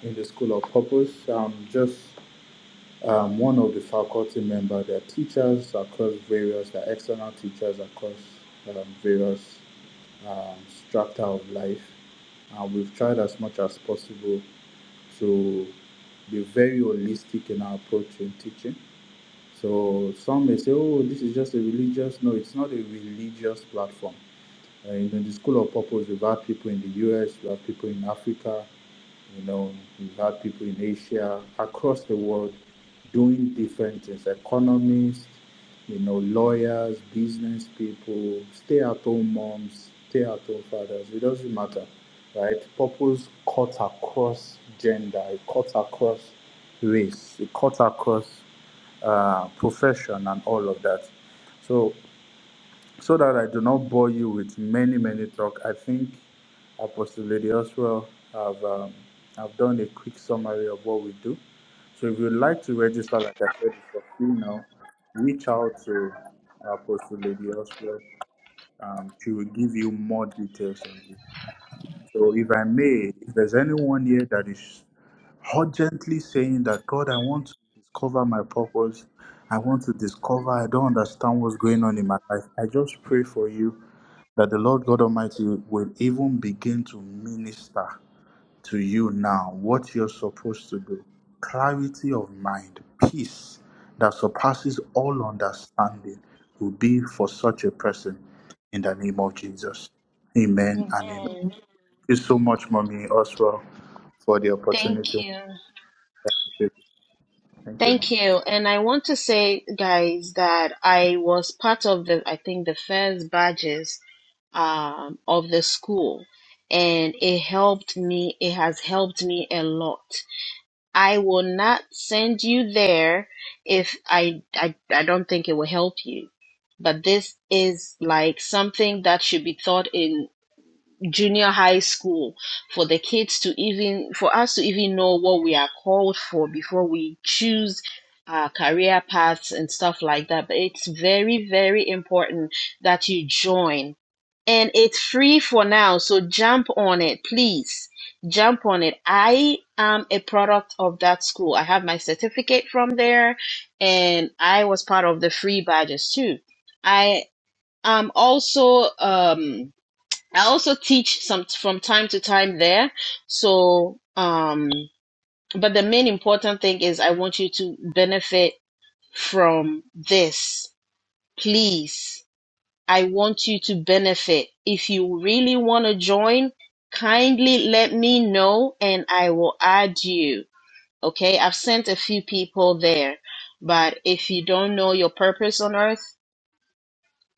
L: in the school of purpose um just um, one of the faculty members, their teachers across various, their external teachers across um, various um, strata of life. And we've tried as much as possible to be very holistic in our approach in teaching. So some may say, oh, this is just a religious. No, it's not a religious platform. Uh, you the school of purpose, we've had people in the US, we have people in Africa, you know, we've had people in Asia, across the world, doing different things, economists, you know, lawyers, business people, stay-at-home moms, stay-at-home fathers, it doesn't matter, right? Purpose cuts across gender, it cuts across race, it cuts across uh, profession and all of that. So so that I do not bore you with many, many talk, I think Apostle Lady Oswell have um, have done a quick summary of what we do. So if you'd like to register, like I said, it's for free now, reach out to Apostle Lady Oswell. Um, she will give you more details on this. So, if I may, if there's anyone here that is urgently saying that, God, I want to discover my purpose, I want to discover, I don't understand what's going on in my life, I just pray for you that the Lord God Almighty will even begin to minister to you now what you're supposed to do clarity of mind, peace that surpasses all understanding will be for such a person in the name of Jesus. Amen and amen
A: Amen.
L: you so much, Mommy Oswald, for the
A: Thank
L: opportunity.
A: you.
L: I appreciate Thank you,
A: Thank
L: Mom.
A: you. And I want to say, guys, that I was part of the, I think, the first badges um, of the school, and it helped me. It has helped me a lot. I will not send you there if I, I, I don't think it will help you. But this is like something that should be thought in junior high school for the kids to even for us to even know what we are called for before we choose our career paths and stuff like that but it's very very important that you join and it's free for now so jump on it please jump on it i am a product of that school i have my certificate from there and i was part of the free badges too i am also um I also teach some from time to time there. So, um, but the main important thing is I want you to benefit from this. Please. I want you to benefit. If you really want to join, kindly let me know and I will add you. Okay. I've sent a few people there, but if you don't know your purpose on earth,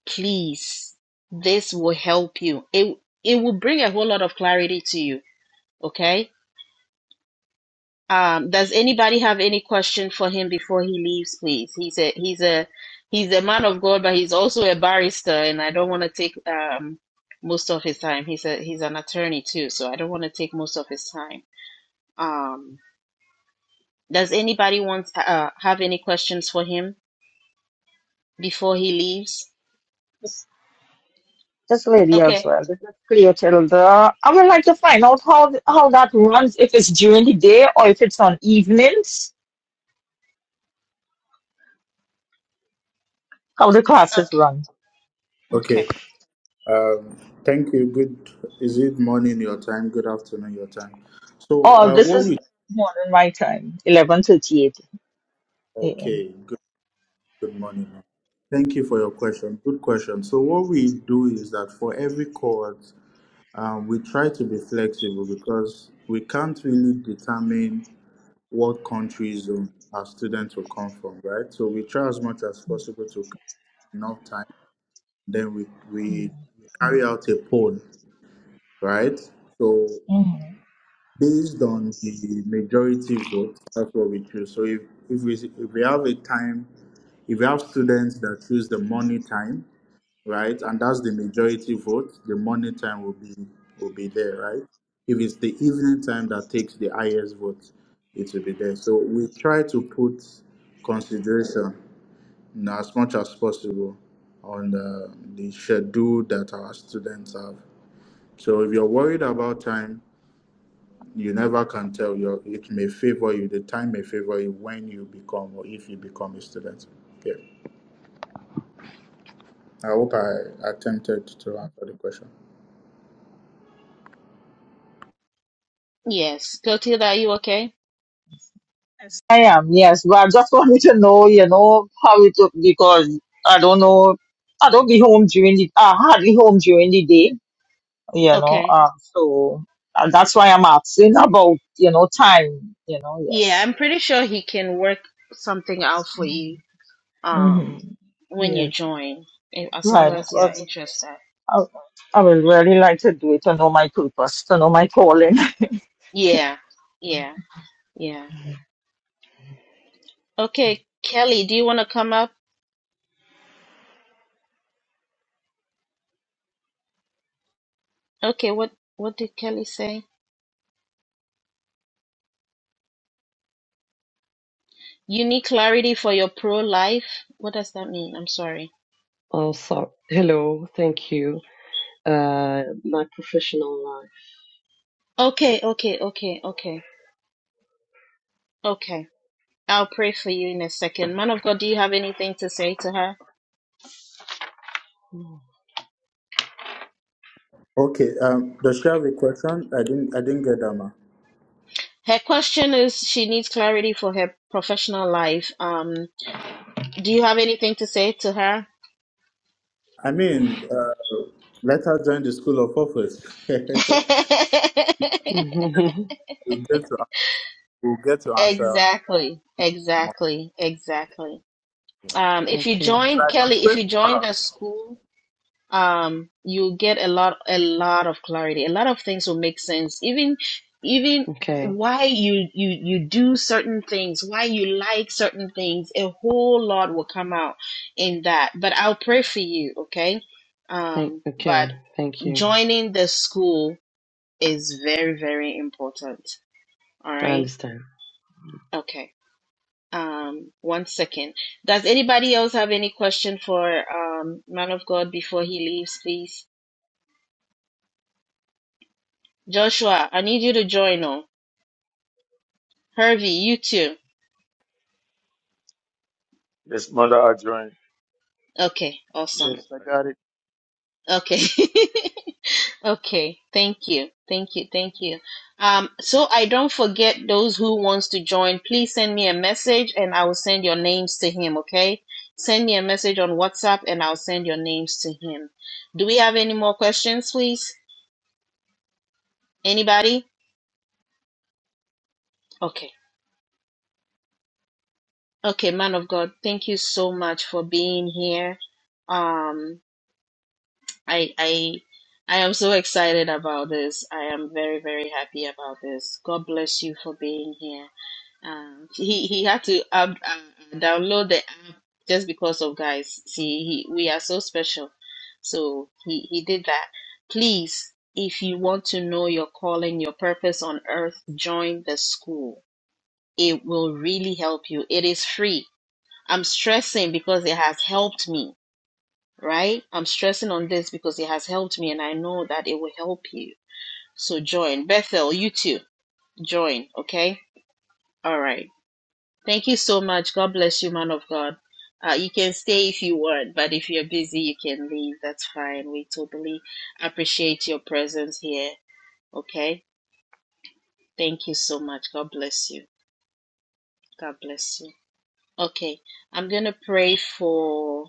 A: please, this will help you. It, it will bring a whole lot of clarity to you Okay. Um, does anybody have any question for him before he leaves, please? He's a he's a he's a man of God, but he's also a barrister, and I don't want to take um, most of his time. He's a he's an attorney too, so I don't want to take most of his time. Um, does anybody want uh, have any questions for him before he leaves?
M: this this lady as
A: Okay.
M: well. This is clear Tilda. I would like to find out how th- how that runs. If it's during the day or if it's on evenings, how the classes
A: Okay.
M: run.
L: Okay.
A: Okay.
L: Um, thank you. Good. Is it morning your time? Good afternoon your time. So,
M: Oh,
L: uh,
M: this
L: what
M: is
L: we
M: morning my time, eleven thirty eight a.m.
L: okay? Good. Good morning. Mom. Thank you for your question. Good question. So, what we do is that for every cohort, um, we try to be flexible because we can't really determine what country zone our students will come from, right? So, we try as much as possible to cut enough time Then we, we carry out a poll, right? So
M: Mhm.
L: based on the majority vote, that's what we choose. So if, if we if we have a time, if we have students that choose the morning time, right, and that's the majority vote, the morning time will be will be there, right? If it's the evening time that takes the highest vote, it will be there. So we try to put consideration you know, as much as possible on the, the schedule that our students have. So if you're worried about time, you never can tell. Your it may favor you. The time may favor you when you become or if you become a student. Okay. I hope I attempted to answer the question.
A: Yes, Clotilde, are you okay?
M: Yes, I am. Yes, but I just wanted to know, you know, how it look because I don't know. I don't be home during the. I hardly home during the day. You know,
A: Okay.
M: uh, so uh, that's why I'm asking about you know time. You know,
A: Yeah,
M: yes.
A: I'm pretty sure he can work something out for you.
M: hmm
A: um when you
M: Yeah,
A: join eh, as long
M: right.
A: as you're
M: Because
A: interested
M: I, I would really like to do it to know my purpose, to know my calling.
A: yeah yeah yeah okay kelly do you want to come up okay what what did kelly say you need clarity for your pro life what does that mean i'm sorry
N: Also, hello, thank you. Uh, my professional life.
A: okay okay okay okay okay i'll pray for you in a second man of god do you have anything to say to her
N: Mm.
L: Okay. Um, does she have a question, I didn't. I didn't get that, ma.
A: her question is she needs clarity for her professional life um do you have anything to say to her
L: I mean, uh, let her join the school of office. *laughs* we'll
A: *laughs*
L: get to. We'll get to answer.
A: Exactly,
L: more.
A: exactly, exactly. Um,
N: *laughs*
A: if you
N: okay,
A: join
L: But I can
A: Kelly, if
L: pray
A: you
L: for her.
A: join the school, um, you'll get a lot, a lot of clarity. A lot of things will make sense. Even, even
N: okay,
A: why you you you do certain things, why you like certain things, a whole lot will come out in that. But I'll pray for you, okay?
N: thank,
A: Um, but
N: okay, thank you.
A: joining the school is very, very important. All
N: I
A: right?
N: understand.
A: Okay. Um, one second. Does anybody else have any question for um, man of God before he leaves, please? Joshua, I need you to join. on. Hervey, you too.
B: Yes, mother, I join.
A: Okay, awesome.
O: Yes, I got it.
A: Okay, *laughs* okay. Thank you, thank you, thank you. Um, so I don't forget those who wants to join. Please send me a message, and I will send your names to him. Okay, send me a message on WhatsApp, and I'll send your names to him. Do we have any more questions, please? Anybody? Okay. Okay, man of God, thank you so much for being here. Um, I I I am so excited about this. I am very very happy about this. God bless you for being here. Um, he he had to up, uh, download the app just because of guys. See, he, we are so special, so he he did that. Please, if you want to know your calling, your purpose on earth, join the school. It will really help you. It is free I'm stressing because it has helped me, right? I'm stressing on this because it has helped me and I know that it will help you. So join. Bethel, you too. Join, okay? All right. Thank you so much. God bless you, man of God. Uh, you can stay if you want, but if you're busy, you can leave. That's fine. We totally appreciate your presence here, okay? Thank you so much. God bless you. God bless you. Okay, I'm going to pray for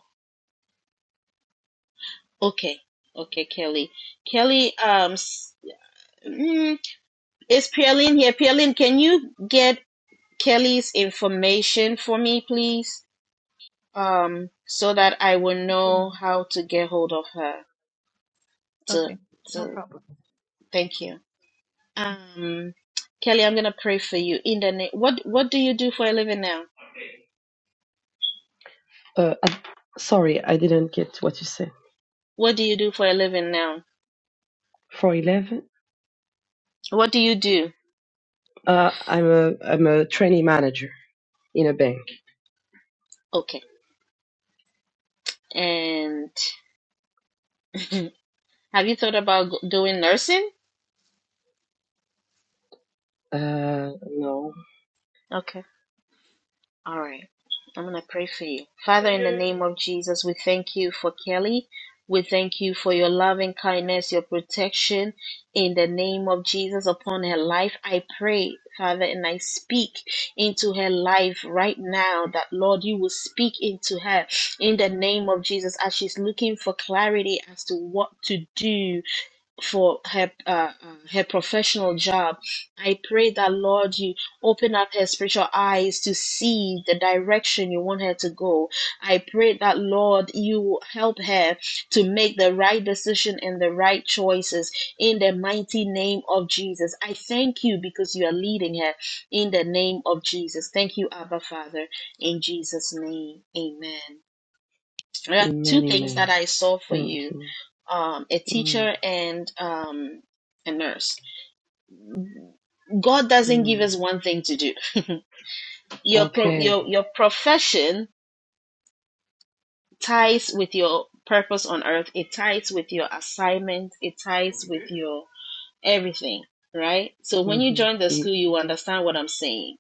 A: Okay, okay, Kelly. Kelly, um, s- mm, is Pearline here? Pearline, can you get Kelly's information for me, please? Um, so that I will
I: Okay,
A: know
I: ma'am.
A: how to get hold of her. To,
I: Okay, no
A: to,
I: problem.
A: thank you. Um, Kelly, I'm gonna pray for you. In the name, what, what do you do for a living now?
N: Uh, I, sorry, I didn't get what you said.
A: What do you do for a living now?
N: For eleven,
A: What do you do?
N: uh, I'm a I'm a trainee manager in a bank.
A: Okay. And have you thought about g- doing nursing?
N: Uh, no,
A: Okay. All right. I'm going to pray for you. Father, in the name of Jesus, we thank you for Kelly. We thank you for your loving kindness, your protection in the name of Jesus upon her life. I pray, Father, and I speak into her life right now that, Lord, you will speak into her in the name of Jesus as she's looking for clarity as to what to do for her uh, uh, her professional job I pray that, Lord, you open up her spiritual eyes to see the direction you want her to go. I pray that, Lord, you help her to make the right decision and the right choices in the mighty name of Jesus. I thank you because you are leading her in the name of Jesus. Thank you, Abba Father, in Jesus' name. Amen. There are
N: in
A: two
N: many
A: things
N: men.
A: that I saw for
N: Thank
A: you
N: you.
A: um, a
N: Mm.
A: teacher and um, a nurse. God doesn't give
N: Mm.
A: us one thing to do. *laughs* your pro-
N: Okay.
A: your your profession ties with your purpose on earth it ties with your assignment it ties with your everything right so when you
N: Mm-hmm.
A: join the school
N: Ye-
A: you understand what i'm saying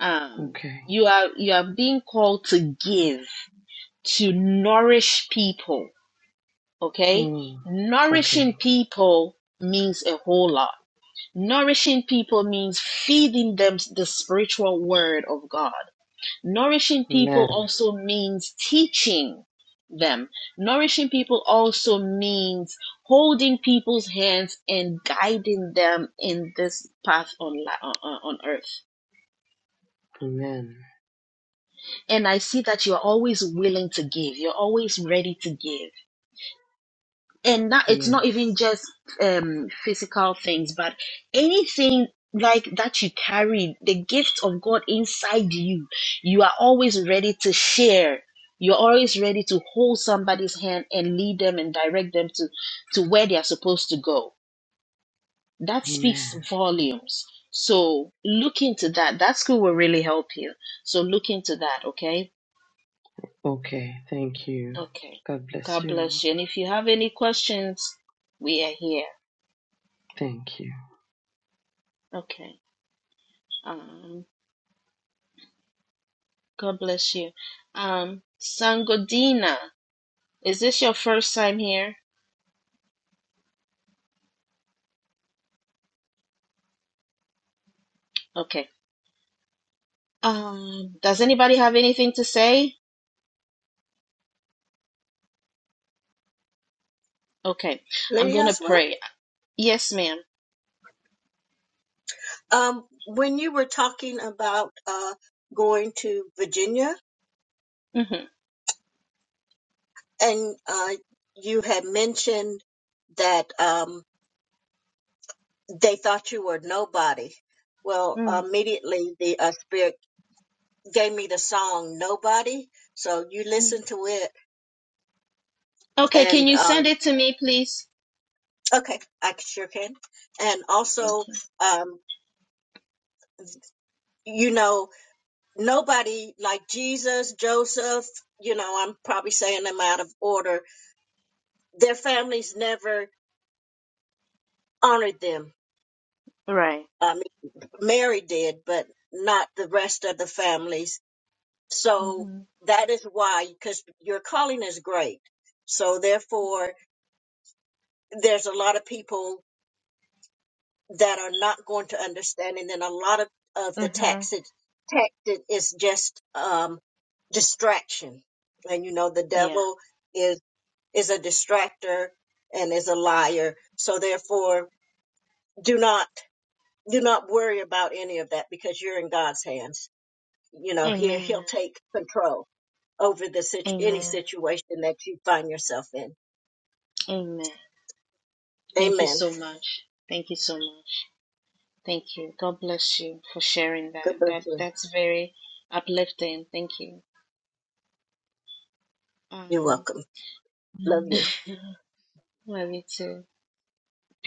A: um
N: okay.
A: you are you are being called to give to nourish people okay
N: Mm. Okay.
A: nourishing people means a whole lot nourishing people means feeding them the spiritual word of god Nourishing people
N: Amen.
A: also means teaching them. Nourishing people also means holding people's hands and guiding them in this path on, on on earth.
N: Amen.
A: And I see that you're always willing to give. You're always ready to give. and that it's not even
N: Yes.
A: just um physical things but anything like that you carry the gift of god inside you you are always ready to share you're always ready to hold somebody's hand and lead them and direct them to to where they are supposed to go that
N: Amen.
A: speaks volumes so look into that that school will really help you so look into that okay
N: Okay. Thank you.
A: okay
N: God bless
A: god
N: you.
A: bless you and if you have any questions we are here
N: Thank you.
A: okay Um, God bless you. Um, Sangodina, is this your first time here? Okay. Um, does anybody have anything to say? Okay. I'm
C: Lady
A: going to
C: Oswald,
A: pray. Yes, madam
C: um, when you were talking about uh, going to Virginia,
A: Mm-hmm.
C: And uh, you had mentioned that um, they thought you were nobody. Well, immediately the uh, spirit gave me the song "Nobody," so you
A: Mm-hmm.
C: listen to it,
A: Okay, can
C: and
A: you send
C: um,
A: it to me, please?
C: okay, I sure can. And
A: Thank
C: also,
A: you.
C: um, you know, nobody like Jesus, Joseph. You know, I'm probably saying them out of order. Their families never honored them.
A: Right.
C: Um, Mary did, but not the rest of the families. So
A: Mm-hmm.
C: that is why, because your calling is great. So therefore, there's a lot of people that are not going to understand, and then a lot of of the
A: Mm-hmm.
C: tacit tactic is just um, distraction, and you know the
A: Yeah.
C: devil is is a distractor and is a liar. So therefore, do not do not worry about any of that because you're in God's hands you know here he'll
A: Amen.
C: take control over the situ- any
A: Amen.
C: situation that you find yourself in
A: Amen. Thank you
C: amen
A: so much. Thank you so much. Thank you. God bless you for sharing
C: god
A: that.
C: bless
A: That
C: you
A: that's very uplifting. Thank you.
C: you're
A: Um,
C: welcome love
I: Mm,
C: you
A: *laughs* love you too.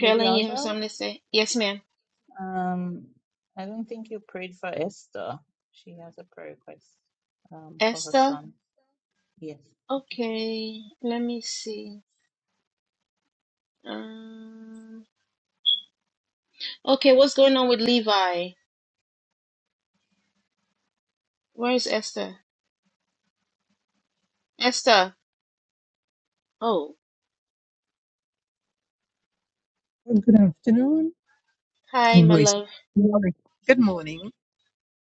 I: Lady
A: you have
I: Oswald,
A: something to say? Yes, ma'am.
I: um, I don't think you prayed for Esther. She has a prayer request um, for her
A: Esther?
I: son. Yes.
A: Okay, let me see. Um, okay, what's going on with Levi? Where is Esther? Esther. Oh,
P: Well, Good afternoon. Oh,
A: hi,
P: no,
A: my
P: it's
A: love.
P: morning. Good morning.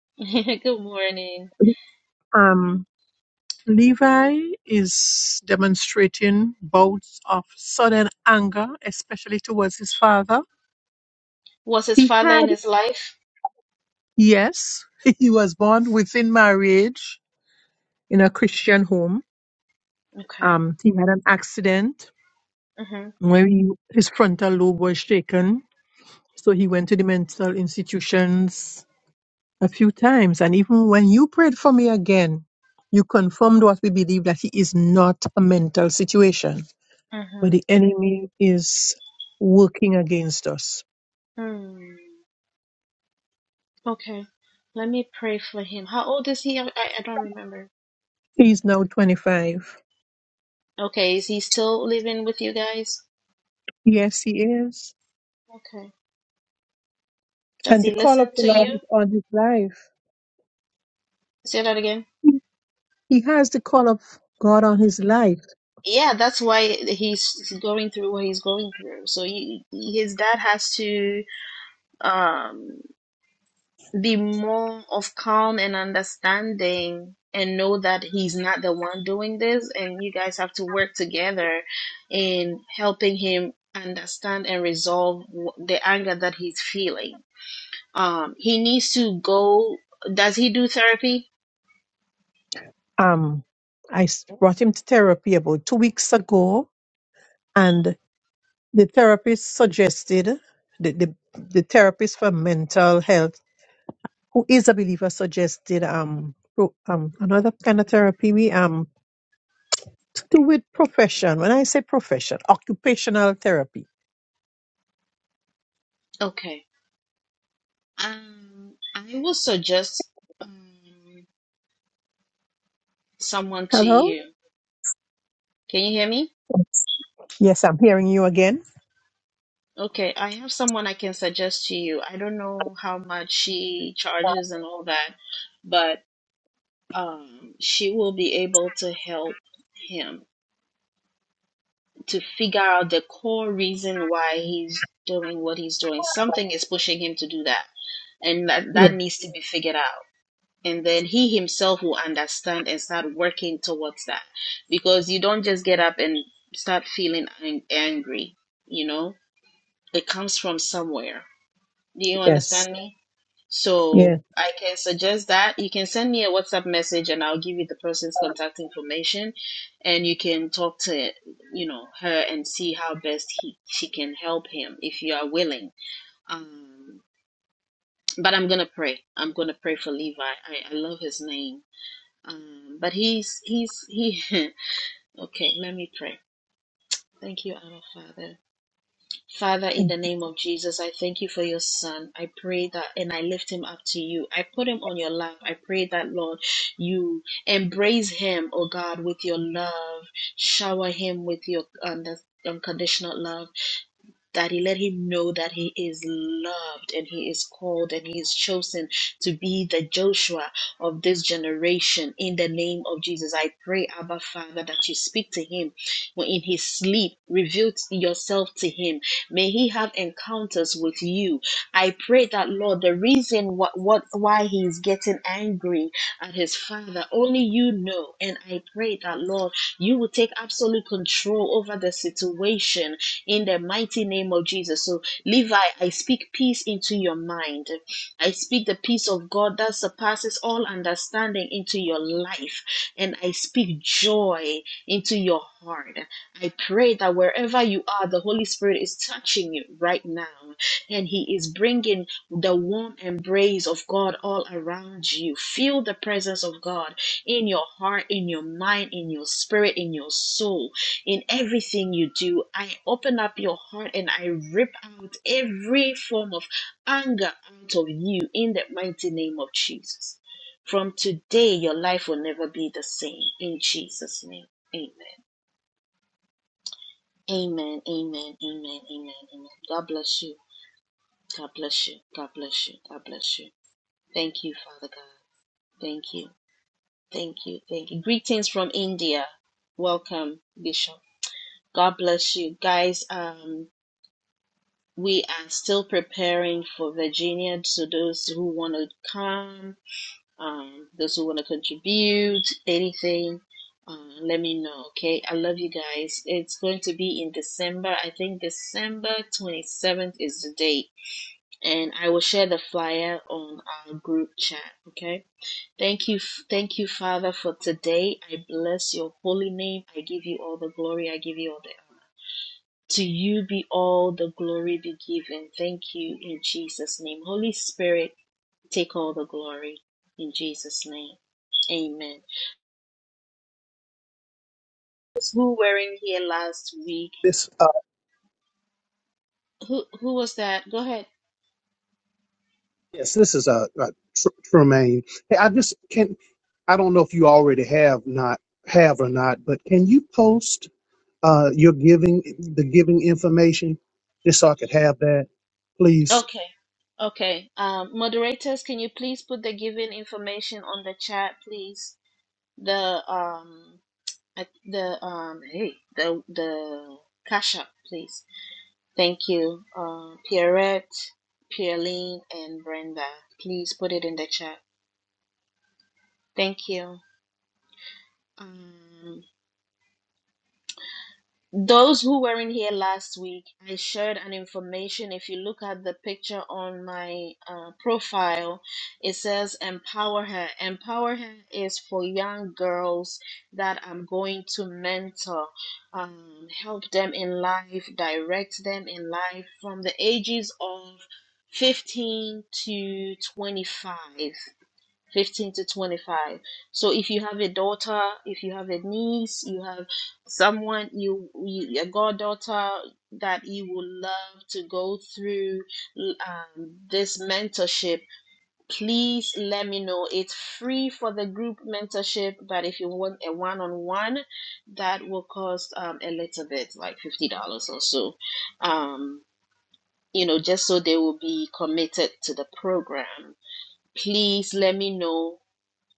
A: *laughs* Good morning.
P: Um, Levi is demonstrating bouts of sudden anger, especially towards his father.
A: Was his
P: He
A: father
P: had,
A: in his life?
P: yes, *laughs* he was born within marriage in a Christian home.
A: Okay.
P: Um, he had an accident
A: Mm-hmm.
P: where he, his frontal lobe was shaken, so he went to the mental institutions a few times. And even when you prayed for me again, you confirmed what we believe that he is not a mental situation, but
A: Mm-hmm.
P: the enemy is working against us.
A: Mm. Okay. Let me pray for him. How old is he? I, I I don't remember.
P: He is now 25.
A: Okay, is he still living with you guys?
P: Yes, he is.
A: Okay. Does
P: And the
A: he
P: call of
A: listen
P: the
A: to
P: Lord
A: you?
P: is on his life.
A: Say that again.
P: He has the call of God on his life.
A: Yeah, that's why he's going through what he's going through. So he, his dad has to um, be more of calm and understanding and know that he's not the one doing this. And you guys have to work together in helping him understand and resolve wh- the anger that he's feeling. Um, he needs to go. Does he do therapy?
P: Um, I s- brought him to therapy about two weeks ago, and the therapist suggested the, the, the therapist for mental health who is a believer suggested um pro- um another kind of therapy we um to do with profession. When I say profession, occupational therapy.
A: Okay. Um, I will suggest. Um, someone to
P: Hello?
A: you. Can you hear me?
P: Yes, I'm hearing you again.
A: Okay, I have someone I can suggest to you. I don't know how much she charges and all that, but um, she will be able to help him to figure out the core reason why he's doing what he's doing. Something is pushing him to do that, and that,
P: Yes,
A: that needs to be figured out. And then he himself will understand and start working towards that. Because you don't just get up and start feeling ang- angry, you know? it comes from somewhere. Do you
P: yes,
A: understand me? So
P: yes.
A: I can suggest that you can send me a WhatsApp message and I'll give you the person's contact information and you can talk to you know her and see how best he she can help him if you are willing. Um but I'm gonna pray. I'm gonna pray for Levi. I, I love his name. Um but he's he's he *laughs* okay, let me pray. Thank you, our Father. Father, in the name of Jesus, I thank you for your son. I pray that, and I lift him up to you. I put him on your lap. I pray that, Lord, you embrace him, oh God, with your love. Shower him with your under, unconditional love that he let him know that he is loved and he is called and he is chosen to be the Joshua of this generation in the name of Jesus. I pray, Abba Father, that you speak to him in his sleep, reveal yourself to him. May he have encounters with you. I pray that, Lord, the reason what, what why he is getting angry at his father, only you know. And I pray that, Lord, you will take absolute control over the situation in the mighty name of Jesus. So, Levi, I speak peace into your mind. I speak the peace of God that surpasses all understanding into your life. And I speak joy into your heart. I pray that wherever you are, the Holy Spirit is touching you right now. And He is bringing the warm embrace of God all around you. Feel the presence of God in your heart, in your mind, in your spirit, in your soul in everything you do. I open up your heart and I rip out every form of anger out of you in the mighty name of Jesus. From today, your life will never be the same. In Jesus' name, amen. Amen, amen, amen, amen, amen. God bless you. God bless you. God bless you. God bless you. Thank you, Father God. Thank you. Thank you. Thank you. Greetings from India. Welcome, Bishop. God bless you. Guys, um, we are still preparing for Virginia. So those who want to come, um, those who want to contribute, anything, uh, let me know. Okay, I love you guys. It's going to be in December. I think December twenty seventh is the date, and I will share the flyer on our group chat. Okay, thank you, thank you, Father, for today. I bless your holy name. I give you all the glory. I give you all the honor. To you be all the glory be given. Thank you in Jesus' name. Holy Spirit, take all the glory in Jesus' name. Amen. Who were in here last week?
H: This. uh,
A: Who who was that? Go ahead.
H: Yes, this is a, uh uh, Tr- Tremaine. Hey, I just can. I don't know if you already have not have or not, but can you post uh, your giving the giving information just so I could have that, please?
A: Okay. Okay. Um, moderators, can you please put the given information on the chat, please? The um I- the um hey the the cash app, please. Thank you, uh, Pierrette, Pierline, and Brenda. Please put it in the chat. Thank you. Um, Those who weren't here last week, I shared an information. If you look at the picture on my uh, profile, it says Empower Her. Empower Her is for young girls that I'm going to mentor, um, help them in life, direct them in life from the ages of 15 to 25. 15 to 25 so if you have a daughter if you have a niece you have someone you, you a goddaughter that you would love to go through um, this mentorship please let me know it's free for the group mentorship but if you want a one-on-one that will cost um, a little bit like $50 or so um, you know just so they will be committed to the program please let me know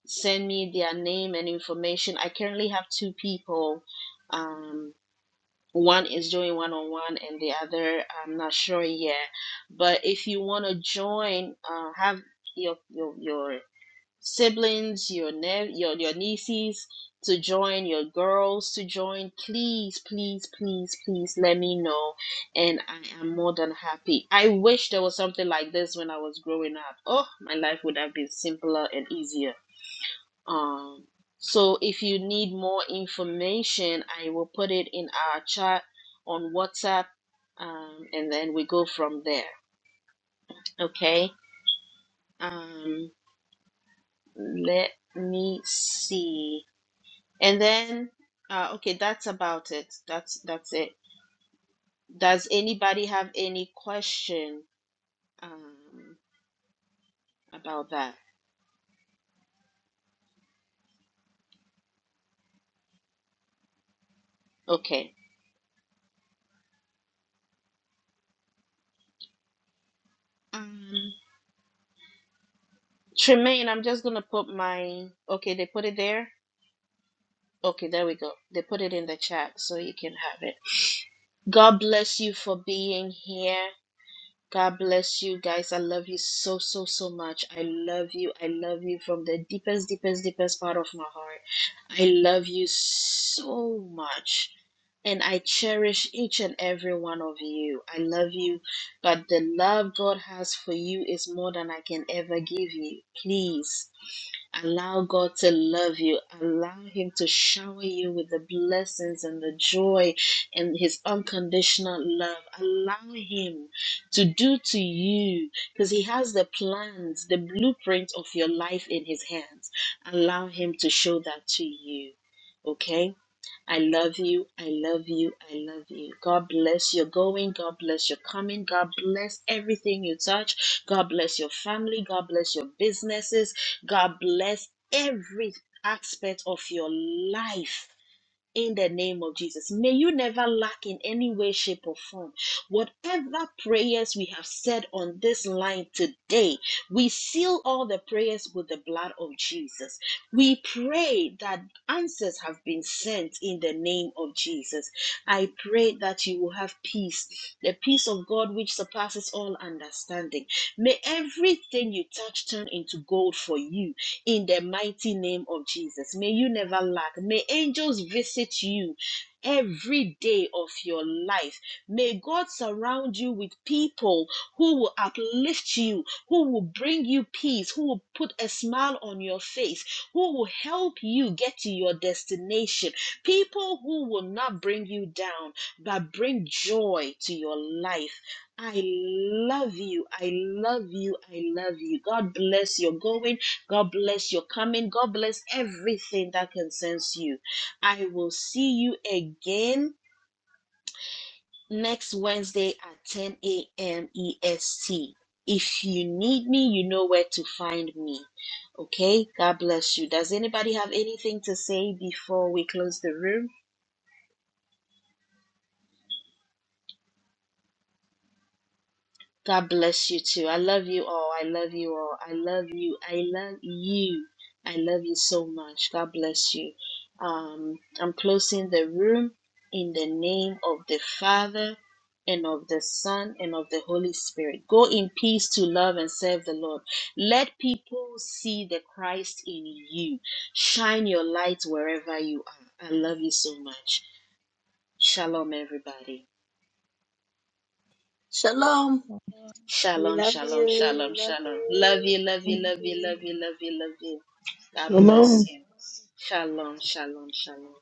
A: send me their name and information. I currently have two people. Um, one is doing one on one, and the other I'm not sure yet. But if you want to join, uh, have your your your siblings, your ne- your your nieces to join, your girls to join. Please, please, please, please let me know, and I am more than happy. I wish there was something like this when I was growing up. Oh, my life would have been simpler and easier um, so if you need more information, I will put it in our chat on WhatsApp, um, and then we go from there. Okay. Um, let me see. And then, uh, okay, that's about it. That's that's it. Does anybody have any question um, about that? Okay. Um, Tremaine, I'm just gonna put my. Okay, they put it there. Okay, there we go. They put it in the chat so you can have it. God bless you for being here. God bless you guys. I love you so, so, so much. I love you. I love you from the deepest, deepest, deepest part of my heart. I love you so much. And I cherish each and every one of you. I love you. But the love God has for you is more than I can ever give you. Please. Allow God to love you. Allow Him to shower you with the blessings and the joy and His unconditional love. Allow Him to do to you because He has the plans, the blueprint of your life in His hands. Allow Him to show that to you. Okay? I love you. I love you. I love you. God bless your going. God bless your coming. God bless everything you touch. God bless your family. God bless your businesses. God bless every aspect of your life in the name of Jesus. May you never lack in any way, shape, or form. Whatever prayers we have said on this line today, we seal all the prayers with the blood of Jesus. We pray that answers have been sent in the name of Jesus. I pray that you will have peace, the peace of God which surpasses all understanding. May everything you touch turn into gold for you in the mighty name of Jesus. May you never lack. May angels visit you every day of your life. May God surround you with people who will uplift you, who will bring you peace, who will put a smile on your face, who will help you get to your destination. People who will not bring you down, but bring joy to your life. I love you. I love you. I love you. God bless your going. God bless your coming. God bless everything that concerns you. I will see you again next Wednesday at 10 a.m. EST. If you need me, you know where to find me. Okay? God bless you. Does anybody have anything to say before we close the room? God bless you too. I love you all. I love you all. I love you. I love you. I love you so much. God bless you. Um, I'm closing the room in the name of the Father and of the Son and of the Holy Spirit. Go in peace to love and serve the Lord. Let people see the Christ in you. Shine your light wherever you are. I love you so much. Shalom, everybody.
C: shalom
I: We
A: Shalom,
I: love
A: shalom,
I: you.
A: shalom,
I: We love
A: shalom. Love
I: you.
A: you, love you,
I: Bless
A: love you, love
I: you.
A: you, love you, love you. God
D: Shalom.
A: bless you. Shalom, shalom, shalom.